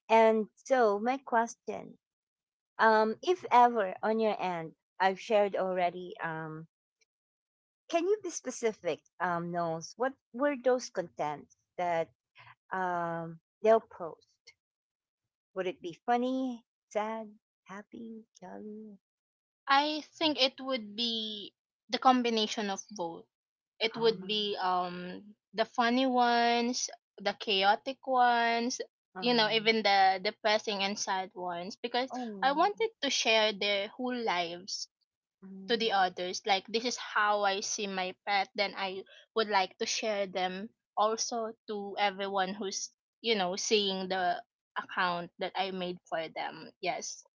Speaker 1: And so, my question: if ever on your end, I've shared already. Can you be specific? Knowles, what were those contents that they'll post? Would it be funny, sad, happy, jolly?
Speaker 2: I think it would be the combination of both. It would
Speaker 1: Um,
Speaker 2: be the funny ones, the chaotic ones, you know,
Speaker 1: um,
Speaker 2: even the depressing and sad ones because I
Speaker 1: Oh,
Speaker 2: wanted to share their whole lives to
Speaker 1: mm,
Speaker 2: the others. Like this is how I see my pet, then I would like to share them also to everyone who's, you know, seeing the account that I made for them. Yes.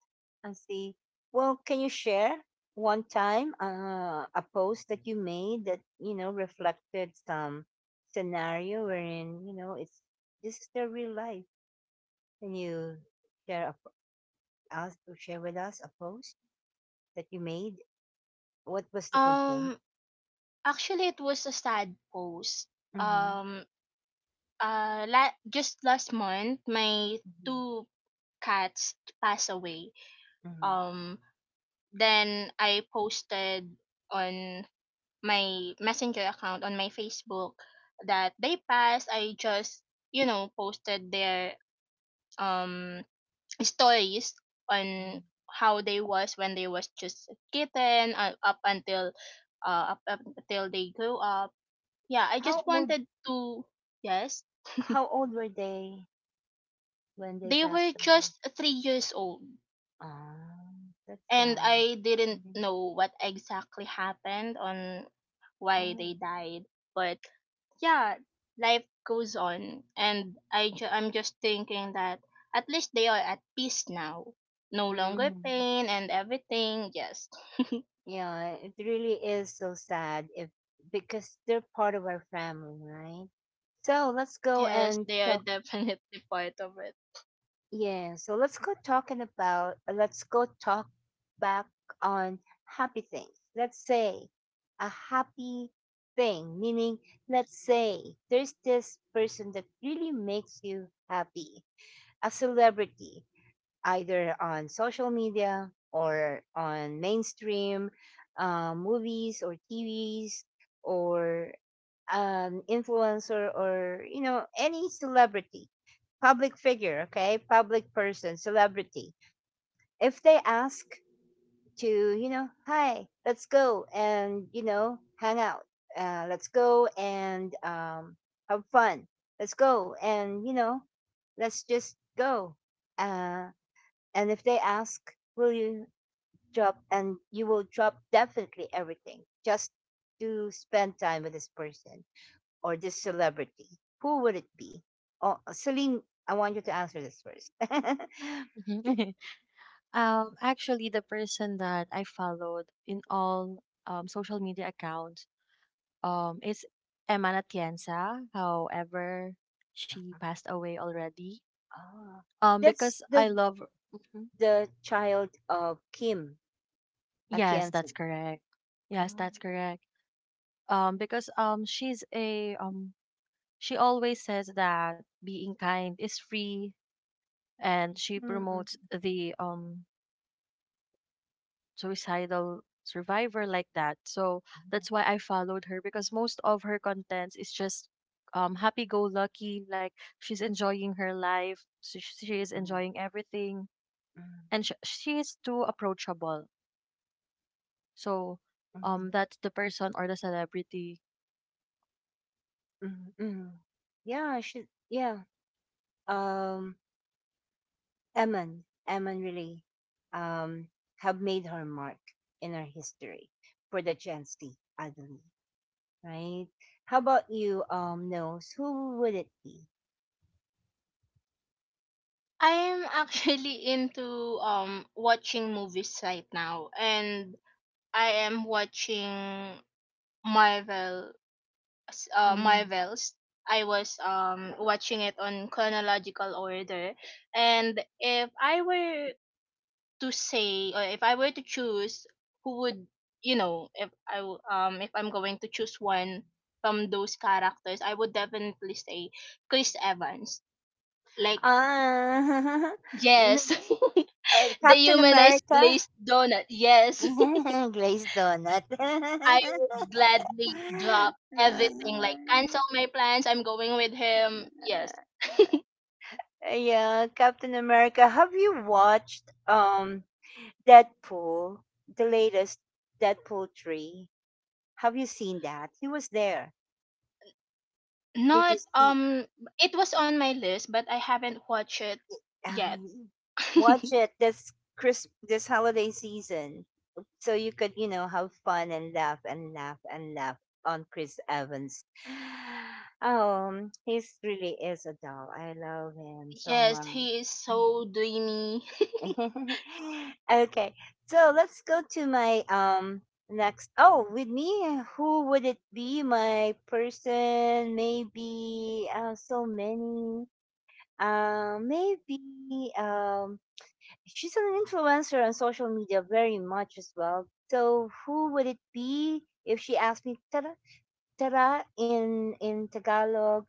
Speaker 1: I see. Well, can you share one time a post that you made that reflected some scenario wherein it's this is their real life. Can you share us, or share with us a post that you made? What was the content?
Speaker 2: Um actually it was a sad post.
Speaker 1: Mm-hmm.
Speaker 2: Um just last month, my
Speaker 1: Mm-hmm.
Speaker 2: 2 cats passed away.
Speaker 1: Mm-hmm.
Speaker 2: Um, then I posted on my messenger account on my Facebook that they passed. I just, you know, posted their um stories
Speaker 1: Hmm.
Speaker 2: on how they was when they was just a kitten, up until they grew up. Yeah, I
Speaker 1: How
Speaker 2: just
Speaker 1: old
Speaker 2: wanted to, yes.
Speaker 1: how old were they when they
Speaker 2: They
Speaker 1: passed
Speaker 2: were
Speaker 1: away?
Speaker 2: just 3 years old
Speaker 1: Ah, that's
Speaker 2: and
Speaker 1: sad.
Speaker 2: I didn't
Speaker 1: Mhm.
Speaker 2: know what exactly happened on why
Speaker 1: Oh.
Speaker 2: they died. But yeah, life goes on, and I I'm just thinking that at least they are at peace now. No longer
Speaker 1: Mm-hmm.
Speaker 2: pain and everything. Yes,
Speaker 1: Yeah, it really is so sad, if because they're part of our family, right? So let's go
Speaker 2: yes,
Speaker 1: and
Speaker 2: they are
Speaker 1: talk.
Speaker 2: definitely part of it.
Speaker 1: Yeah, so let's go talking about. Let's go talk back on happy things. Let's say a happy thing, meaning let's say there's this person that really makes you happy, a celebrity, either on social media or on mainstream movies or TVs or influencer, or any celebrity, public figure, okay, public person, celebrity. If they ask to hi, let's go and hang out, let's go and have fun, let's go and let's just go. Uh, and if they ask, will you drop? And you will drop definitely everything just to spend time with this person or this celebrity. Who would it be? Oh, Celine, I want you to answer this first.
Speaker 3: actually, the person that I followed in all social media accounts is Emma Natienza. However, she passed away already.
Speaker 1: Ah, that's
Speaker 3: Because I
Speaker 1: the
Speaker 3: love. Mhm.
Speaker 1: the child of Kim
Speaker 3: Yes,
Speaker 1: Atienza.
Speaker 3: that's correct. Yes,
Speaker 1: Oh.
Speaker 3: that's correct. Because she's a she always says that being kind is free, and she
Speaker 1: Mm,
Speaker 3: promotes
Speaker 1: mm,
Speaker 3: the suicidal survivor like that. So that's why I followed her, because most of her contents is just happy go lucky, like she's enjoying her life, she is
Speaker 1: mm, mm,
Speaker 3: enjoying everything, and she is too approachable. So
Speaker 1: mm, mm,
Speaker 3: that's the person or the celebrity.
Speaker 1: mm, mm. Yeah, she. Yeah. Um. Eman, Eman really um, have made her mark in our history for the Gen Z, I believe, right? How about you, Nose? Who would it be?
Speaker 2: I am actually into watching movies right now, and I am watching Marvel
Speaker 1: Mm.
Speaker 2: Marvels. I was watching it on chronological order, and if I were to say, or if I were to choose, who would, you know, if I if I'm going to choose one from those characters, I would definitely say Chris Evans. Like
Speaker 1: Ah,
Speaker 2: yes,
Speaker 1: Miss-
Speaker 2: the
Speaker 1: Captain
Speaker 2: humanized
Speaker 1: America?
Speaker 2: glazed donut. Yes,
Speaker 1: Grace Donut.
Speaker 2: I would gladly drop everything. Like cancel my plans. I'm going with him. Yes,
Speaker 1: Yeah, Captain America. Have you watched Deadpool, the latest Deadpool 3. Have you seen that? He was there. Did
Speaker 2: not
Speaker 1: you see?
Speaker 2: it was on my list but I haven't watched it
Speaker 1: I
Speaker 2: yet.
Speaker 1: watch it this holiday season, so you could have fun and laugh and laugh and laugh on Chris Evans. He's really is a doll. I love him so
Speaker 2: Yes,
Speaker 1: much.
Speaker 2: he is
Speaker 1: Mm.
Speaker 2: so dreamy.
Speaker 1: Okay, so let's go to my next. Oh, with me, who would it be? My person, maybe. So many. Maybe. She's an influencer on social media very much as well. So who would it be if she asked me, "Tara, Tara" in Tagalog?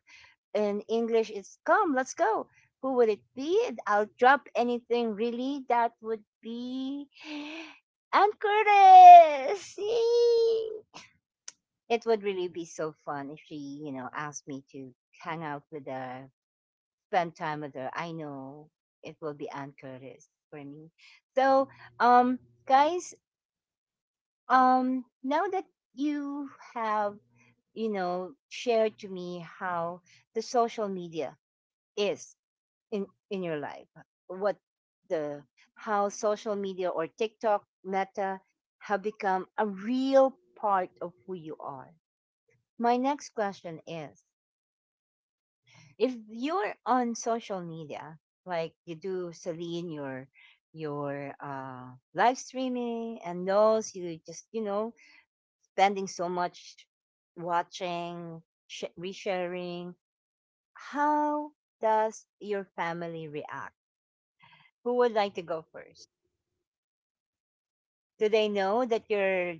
Speaker 1: In English it's come, let's go. Who would it be? I'll drop anything really. That would be Aunt Curtis. Yay! It would really be so fun if she asked me to hang out with her, spend time with her. I know it will be Aunt Curtis for me. So, um, guys, now that you have shared to me how the social media is in your life, what the how social media or TikTok, Meta have become a real part of who you are. My next question is, if you're on social media, like you do, Celine, your your uh live streaming and those, you just spending so much watching, resharing, how does your family react? Who would like to go first? Do they know that your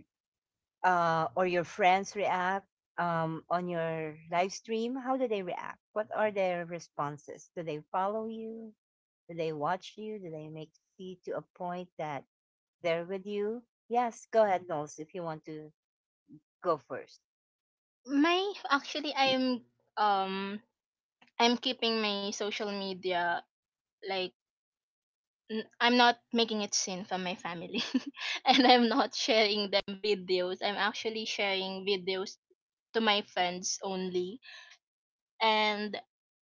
Speaker 1: or your friends react on your live stream? How do they react? What are their responses? Do they follow you? Do they watch you? Do they make, see to a point that they're with you? Yes, go ahead, Knowles, if you want to go first.
Speaker 2: My actually um I'm keeping my social media like I'm not making it seen from my family and I'm not sharing them videos. I'm actually sharing videos to my friends only, and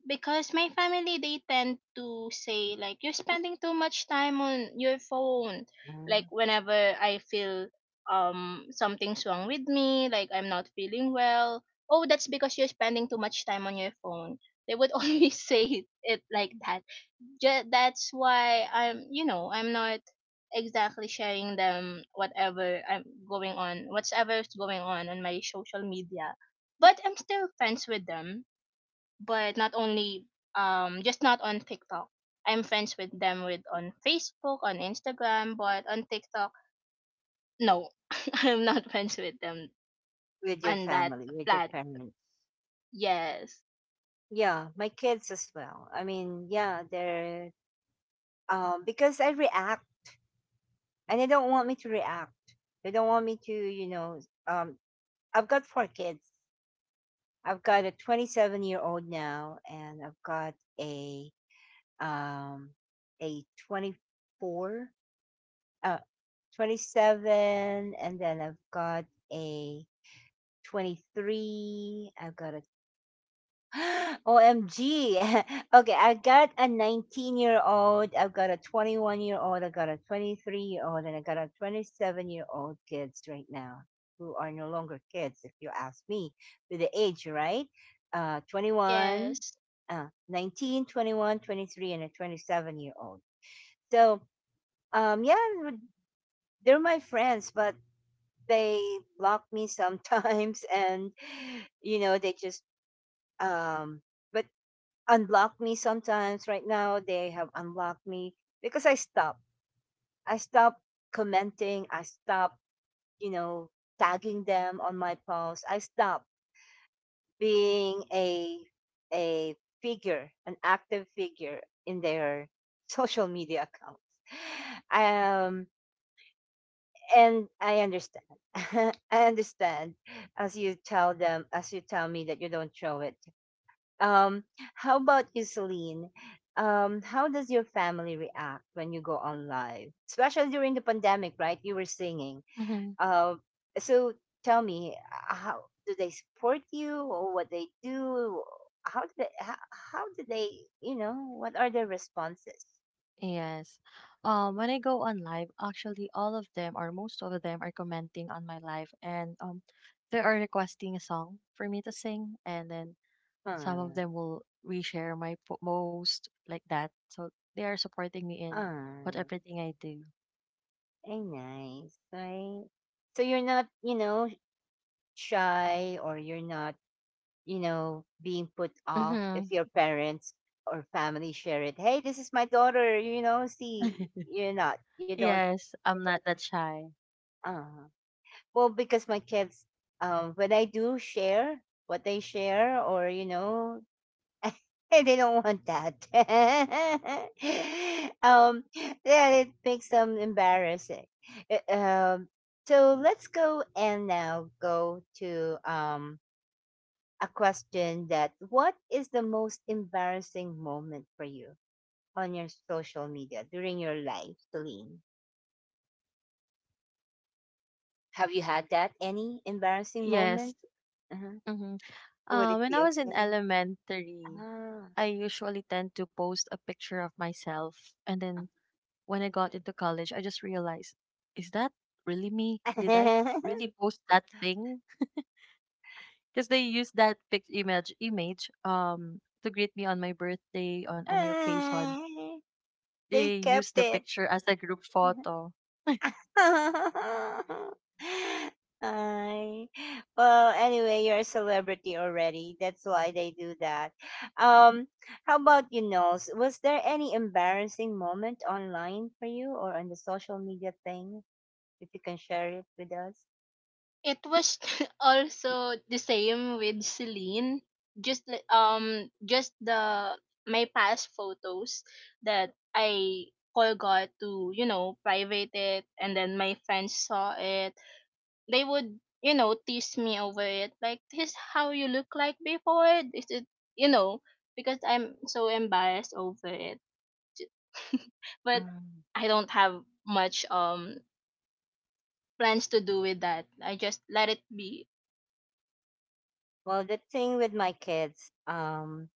Speaker 2: because my family they tend to say like you're spending too much time on your phone,
Speaker 1: Mm.
Speaker 2: like whenever I feel something's wrong with me, like I'm not feeling well, oh that's because you're spending too much time on your phone. They would always say it like that. That's why I'm, you know, I'm not exactly sharing them whatever I'm going on, whatever's going on my social media, but I'm still friends with them, but not only just not on TikTok. I'm friends with them with on Facebook, on Instagram, but on TikTok, no, I'm not friends with them
Speaker 1: With your
Speaker 2: on that
Speaker 1: family? With your
Speaker 2: plat.
Speaker 1: parents?
Speaker 2: Yes,
Speaker 1: Yeah, my kids as well. I mean, yeah, they're because I react and they don't want me to react. They don't want me to um I've got four kids. I've got a 27-year-old now, and I've got a um a 24, uh, 27, and then I've got a 23. I've got a OMG. Okay, I got a 19-year-old, I've got a 21-year-old, I've got a 23-year-old, and I got a 27-year-old kids right now, who are no longer kids, if you ask me, with the age, right? 21,
Speaker 2: yes.
Speaker 1: 19, 21, 23, and a 27-year-old. So, yeah, they're my friends, but they block me sometimes, and, you know, they just, um, but unblock me sometimes. Right now, they have unblocked me because I stopped commenting. I stopped, you know, tagging them on my posts. I stopped being a figure, an active figure in their social media accounts. Um, and I understand. I understand, as you tell them, as you tell me that you don't show it. Um, how about you, Celine? How does your family react when you go on live, especially during the pandemic? Right, you were singing.
Speaker 3: Mm-hmm.
Speaker 1: Uh, so tell me, how do they support you, or what they do? How do they? How do they? What are their responses?
Speaker 3: Yes. When I go on live, actually, all of them or most of them are commenting on my live, and they are requesting a song for me to sing, and then some
Speaker 1: Ah,
Speaker 3: of them will reshare my post like that. So they are supporting me in what
Speaker 1: ah,
Speaker 3: everything I do.
Speaker 1: very nice, right? So you're not shy, or you're not being put off if
Speaker 3: Mm-hmm.
Speaker 1: your parents or family share it. Hey, this is my daughter see, you're not, you don't,
Speaker 3: Yes, I'm not that shy.
Speaker 1: uh, well, because my kids, when I do share what they share, or they don't want that. um, yeah, it makes them embarrassing. Uh, Um, so let's go and now go to, a question that, what is the most embarrassing moment for you on your social media during your life, Celine? Have you had that? Any embarrassing
Speaker 3: Yes.
Speaker 1: moment? Uh-huh.
Speaker 3: Mm-hmm.
Speaker 1: Would it
Speaker 3: When I
Speaker 1: be
Speaker 3: was in
Speaker 1: okay?
Speaker 3: elementary,
Speaker 1: Ah.
Speaker 3: I usually tend to post a picture of myself, and then when I got into college, I just realized, is that really me? Did I really post that thing? Because they use that pic image image to greet me on my birthday on any occasion.
Speaker 1: Ah, they
Speaker 3: They use
Speaker 1: kept
Speaker 3: the
Speaker 1: it.
Speaker 3: picture as a group photo.
Speaker 1: Ay. Well, anyway, you're a celebrity already. That's why they do that. Um, how about you, Knowles? Was there any embarrassing moment online for you or on the social media thing? If you can share it with us.
Speaker 2: It was also the same with Celine. Just just the my past photos that I forgot to, you know, private it, and then my friends saw it. They would, you know, tease me over it like, this is how you look like before. This is, you know, because I'm so embarrassed over it. But
Speaker 1: Mm.
Speaker 2: I don't have much plans to do with that, I just let it be.
Speaker 1: Well, the thing with my kids,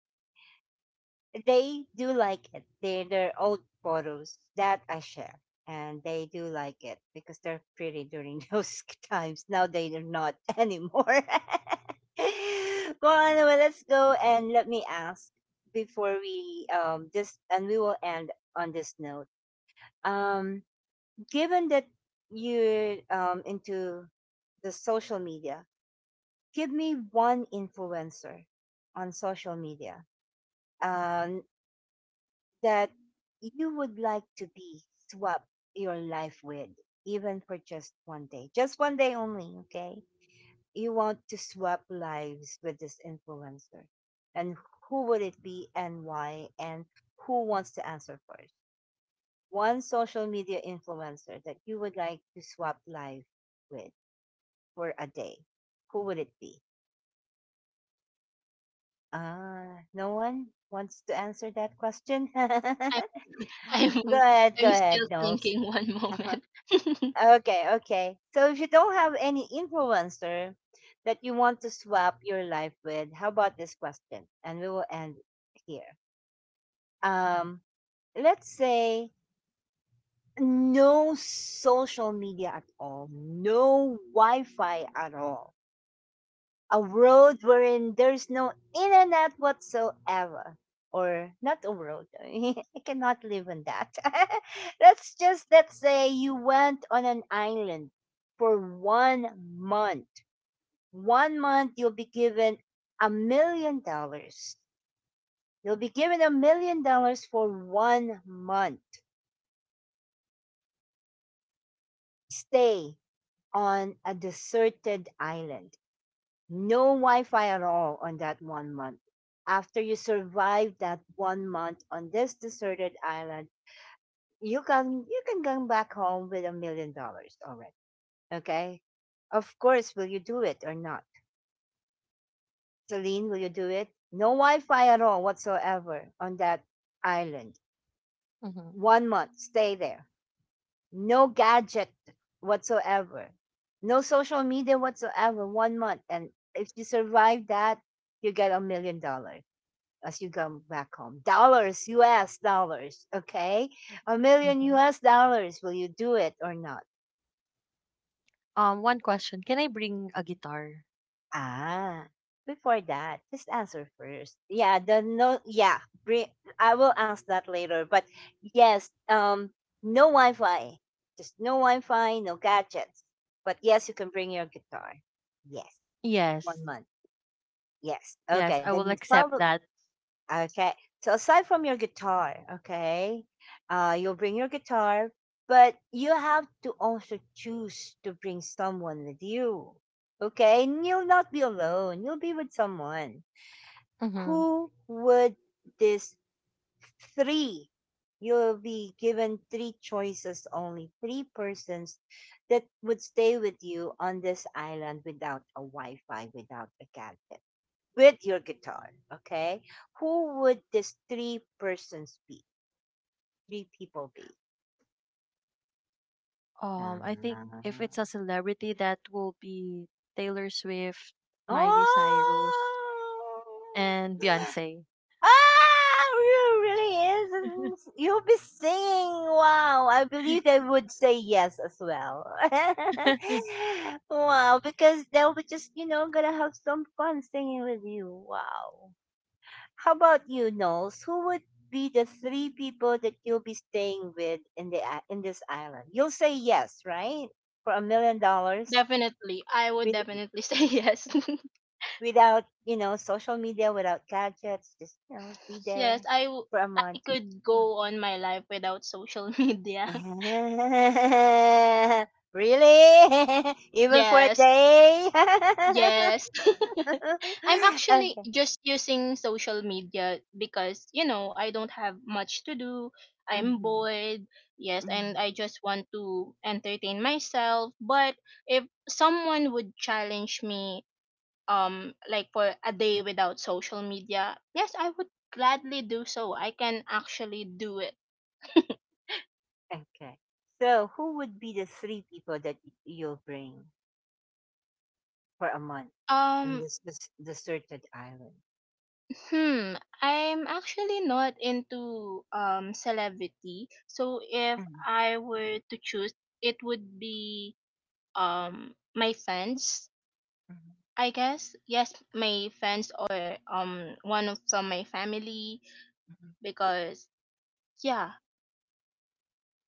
Speaker 1: they do like it. They're their old photos that I share, and they do like it because they're pretty during those times. Now they are not anymore. Well, anyway, let's go and let me ask before we this, and we will end on this note. Um, Given that you're into the social media, give me one influencer on social media. Um, that you would like to be swap your life with, even for just one day only, okay? You want to swap lives with this influencer. And who would it be and why? And who wants to answer first? One social media influencer that you would like to swap life with for a day. Who would it be? No one wants to answer that question? Go
Speaker 2: I, i'm
Speaker 1: ahead, go
Speaker 2: I'm
Speaker 1: ahead,
Speaker 2: still
Speaker 1: Knowles.
Speaker 2: thinking one moment.
Speaker 1: Okay, okay. So if you don't have any influencer that you want to swap your life with, how about this question? And we will end here. Um, let's say no social media at all, no Wi Fi at all. A world wherein there's no internet whatsoever. Or not a world. I cannot live in that. Let's say you went on an island for 1 month. 1 month you'll be given $1 million. You'll be given $1 million for 1 month. Stay on a deserted island. No Wi-Fi at all on that 1 month. After you survive that 1 month on this deserted island, you can come back home with $1 million already. Okay? Of course, will you do it or not? Celine, will you do it? No Wi-Fi at all whatsoever on that island.
Speaker 3: Mm-hmm,
Speaker 1: 1 month, stay there. No gadget whatsoever. No social media whatsoever. 1 month. And if you survive that, you get $1 million as you go back home. Dollars, US dollars, okay? A million
Speaker 3: mm-hmm.
Speaker 1: US dollars, will you do it or not?
Speaker 3: One question: can I bring a guitar?
Speaker 1: Ah, before that, just answer first. Yeah, the no, yeah, bring, I will ask that later. But yes, no Wi Fi, just no Wi Fi, no gadgets. But yes, you can bring your guitar. Yes,
Speaker 3: Yes,
Speaker 1: 1 month. Yes.
Speaker 3: yes,
Speaker 1: Okay,
Speaker 3: I will
Speaker 1: then
Speaker 3: accept
Speaker 1: follow.
Speaker 3: that.
Speaker 1: Okay. So aside from your guitar, okay, you'll bring your guitar, but you have to also choose to bring someone with you. Okay, and you'll not be alone. You'll be with someone.
Speaker 3: Mm-hmm.
Speaker 1: Who would this three? You'll be given three choices, only three persons that would stay with you on this island without a Wi-Fi, without a gadget, with your guitar, okay? Who would these three persons be? Three people be?
Speaker 3: I think
Speaker 1: Ah.
Speaker 3: if it's a celebrity, that will be Taylor Swift, Miley
Speaker 1: Oh,
Speaker 3: Cyrus, and Beyonce.
Speaker 1: ah, you really is. You'll be singing. Wow, I believe they would say yes as well. Wow, because they'll be just gonna have some fun singing with you. Wow. How about you, Knowles? Who would be the three people that you'll be staying with in the in this island? You'll say yes, right? For $1 million,
Speaker 2: Definitely I would
Speaker 1: with
Speaker 2: definitely say yes.
Speaker 1: without social media, without gadgets, just be
Speaker 2: yes
Speaker 1: there
Speaker 2: i w-
Speaker 1: for a
Speaker 2: I
Speaker 1: month.
Speaker 2: could
Speaker 1: Hmm.
Speaker 2: go on my life without social media.
Speaker 1: Really? Even for a
Speaker 2: Yes.
Speaker 1: day?
Speaker 2: Yes. I'm actually
Speaker 1: Okay.
Speaker 2: just using social media because, you know, I don't have much to do. I'm
Speaker 1: Mhm.
Speaker 2: bored. Yes, and
Speaker 1: Mhm.
Speaker 2: I just want to entertain myself. But if someone would challenge me like for a day without social media, yes, I would gladly do so. I can actually do it.
Speaker 1: Okay. So, who would be the three people that you'll bring? For a month on
Speaker 2: Um
Speaker 1: this deserted island.
Speaker 2: Hmm, I'm actually not into celebrity. So if
Speaker 1: Mhm,
Speaker 2: I were to choose, it would be my friends,
Speaker 1: mhm,
Speaker 2: I guess. Yes, my friends or one of from my family
Speaker 1: mhm.
Speaker 2: because yeah,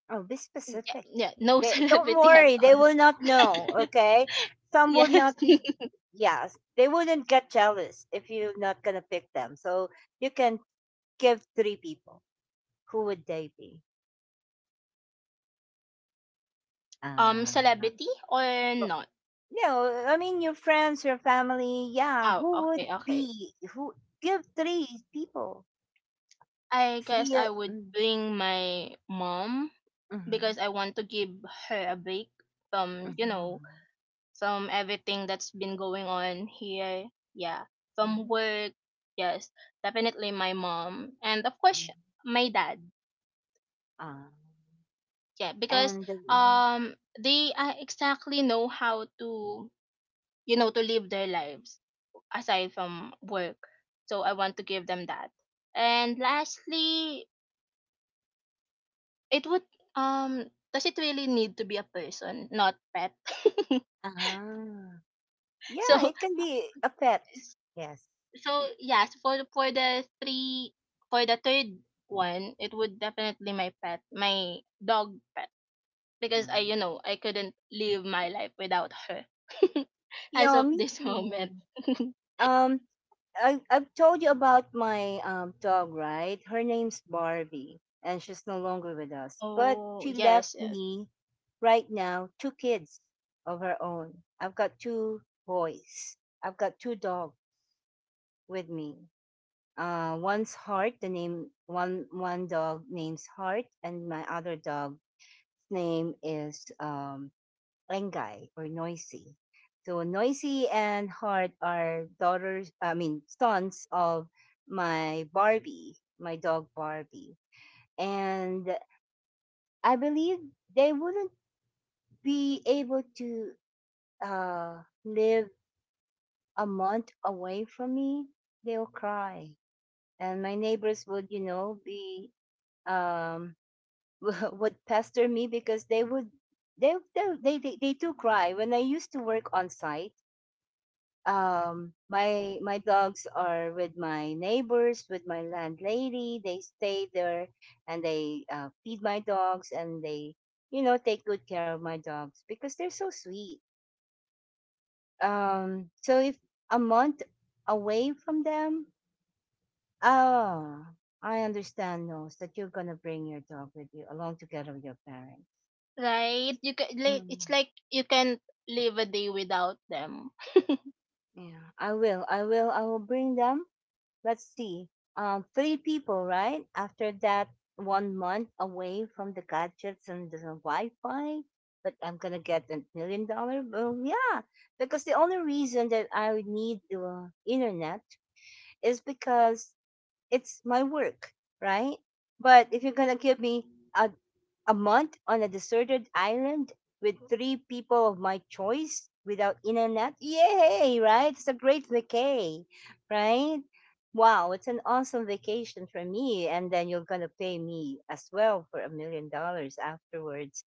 Speaker 1: Oh, be
Speaker 2: yeah,
Speaker 1: specific.
Speaker 2: no
Speaker 1: They don't
Speaker 2: celebrity at
Speaker 1: worry, they
Speaker 2: all.
Speaker 1: will not know. Okay, some will
Speaker 2: Yes.
Speaker 1: not be. Yes, they wouldn't get jealous if you're not gonna pick them. So you can give three people. Who would they be? Uh,
Speaker 2: Celebrity or
Speaker 1: well,
Speaker 2: not?
Speaker 1: I mean, your friends, your family. Yeah,
Speaker 2: Oh,
Speaker 1: who would
Speaker 2: okay, okay.
Speaker 1: be? Who give three people?
Speaker 2: I guess
Speaker 1: Three.
Speaker 2: I would bring my mom
Speaker 1: Mhm,
Speaker 2: because I want to give her a break from, you know,
Speaker 1: mhm,
Speaker 2: from everything that's been going on here. Yeah, from
Speaker 1: mhm.
Speaker 2: work. Yes, definitely my mom. And of
Speaker 1: Mm.
Speaker 2: course, my dad.
Speaker 1: Ah.
Speaker 2: Yeah, because
Speaker 1: And mm,
Speaker 2: they exactly know how to, you know, to live their lives aside from work. So I want to give them that. And lastly, it would does it really need to be a person, not pet?
Speaker 1: ah, yeah,
Speaker 2: so
Speaker 1: it can be a pet. Yes.
Speaker 2: So yes, for the three for the third one, it would definitely my pet, my dog pet, because I,
Speaker 1: Mm.
Speaker 2: you know, I couldn't live my life without her, as
Speaker 1: Yeah,
Speaker 2: of
Speaker 1: me
Speaker 2: this moment.
Speaker 1: too. Um, I've told you about my dog, right? Her name's Barbie, and she's no longer with us. But
Speaker 2: Oh
Speaker 1: she left
Speaker 2: yes, yes,
Speaker 1: me right now two kids of her own. I've got two boys. I've got two dogs with me. One's heart, the name one dog name's Heart, and my other dog's name is Engay or Noisy. So Noisy and Heart are daughters, I mean sons of my Barbie, my dog Barbie, and I believe they wouldn't be able to live a month away from me. They'll cry, and my neighbors would, be um would pester me because they would they, do cry when I used to work on site. My my dogs are with my neighbors, with my landlady. They stay there and they feed my dogs and they take good care of my dogs because they're so sweet. So if a month away from them, ah, I understand knows that you're gonna bring your dog with you along together with your parents.
Speaker 2: right. You can, like it's
Speaker 1: Mm.
Speaker 2: like you can't live a day without them.
Speaker 1: Yeah, I will. I will. I will bring them. Let's see. Three people, right? After that, 1 month away from the gadgets and the Wi-Fi. But I'm gonna get $1 million bill. Yeah, because the only reason that I would need the internet is because it's my work, right? But if you're gonna give me a a month on a deserted island with three people of my choice without internet. Yay, right? It's a great vacay, right? Wow, it's an awesome vacation for me. And then you're going to pay me as well for $1 million afterwards.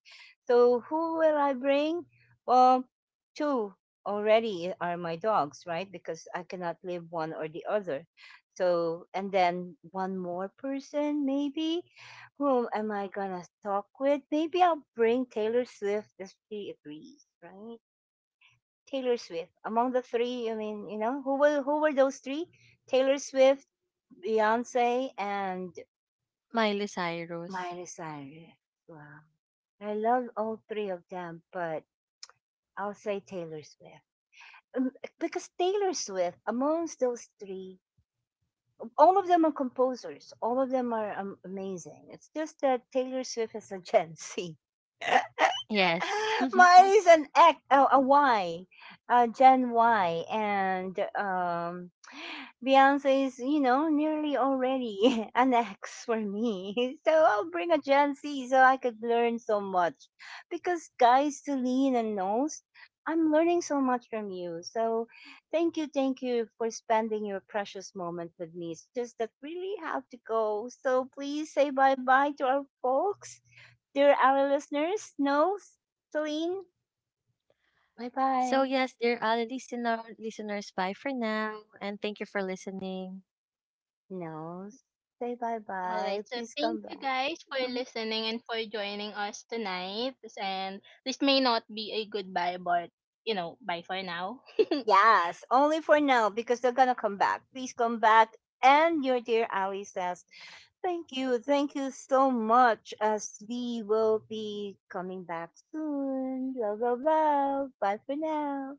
Speaker 1: So who will I bring? Well, two already are my dogs, right? Because I cannot live one or the other. So, and then one more person maybe whom am I gonna talk with? Maybe I'll bring Taylor Swift if she agrees, right? Taylor Swift. Among the three, I mean, who were those three? Taylor Swift, Beyonce, and
Speaker 3: Miley Cyrus.
Speaker 1: Miley Cyrus. Wow. I love all three of them, but I'll say Taylor Swift. Um, Because Taylor Swift, amongst those three, all of them are composers. All of them are amazing. It's just that Taylor Swift is a Gen Z.
Speaker 3: Yes.
Speaker 1: Mine is an X, oh, a Y, Gen Y, and Beyonce is, nearly already an X for me. So I'll bring a Gen Z so I could learn so much. Because guys, Celine and Nose, I'm learning so much from you. So thank you for spending your precious moment with me. It's just that really have to go. So please say bye bye to our folks, dear our listeners, no? Celine, bye
Speaker 3: So
Speaker 1: bye.
Speaker 3: yes, dear listeners, bye for now and thank you for listening.
Speaker 1: No, say bye
Speaker 2: All right,
Speaker 1: bye.
Speaker 2: so
Speaker 1: Please
Speaker 2: thank
Speaker 1: come
Speaker 2: you
Speaker 1: back.
Speaker 2: guys for listening and for joining us tonight. And this may not be a goodbye, but you know, bye for now.
Speaker 1: Yes, only for now because they're gonna come back. Please come back. And your dear Ali says, thank you, thank you so much. As we will be coming back soon. Blah blah blah. Bye for now.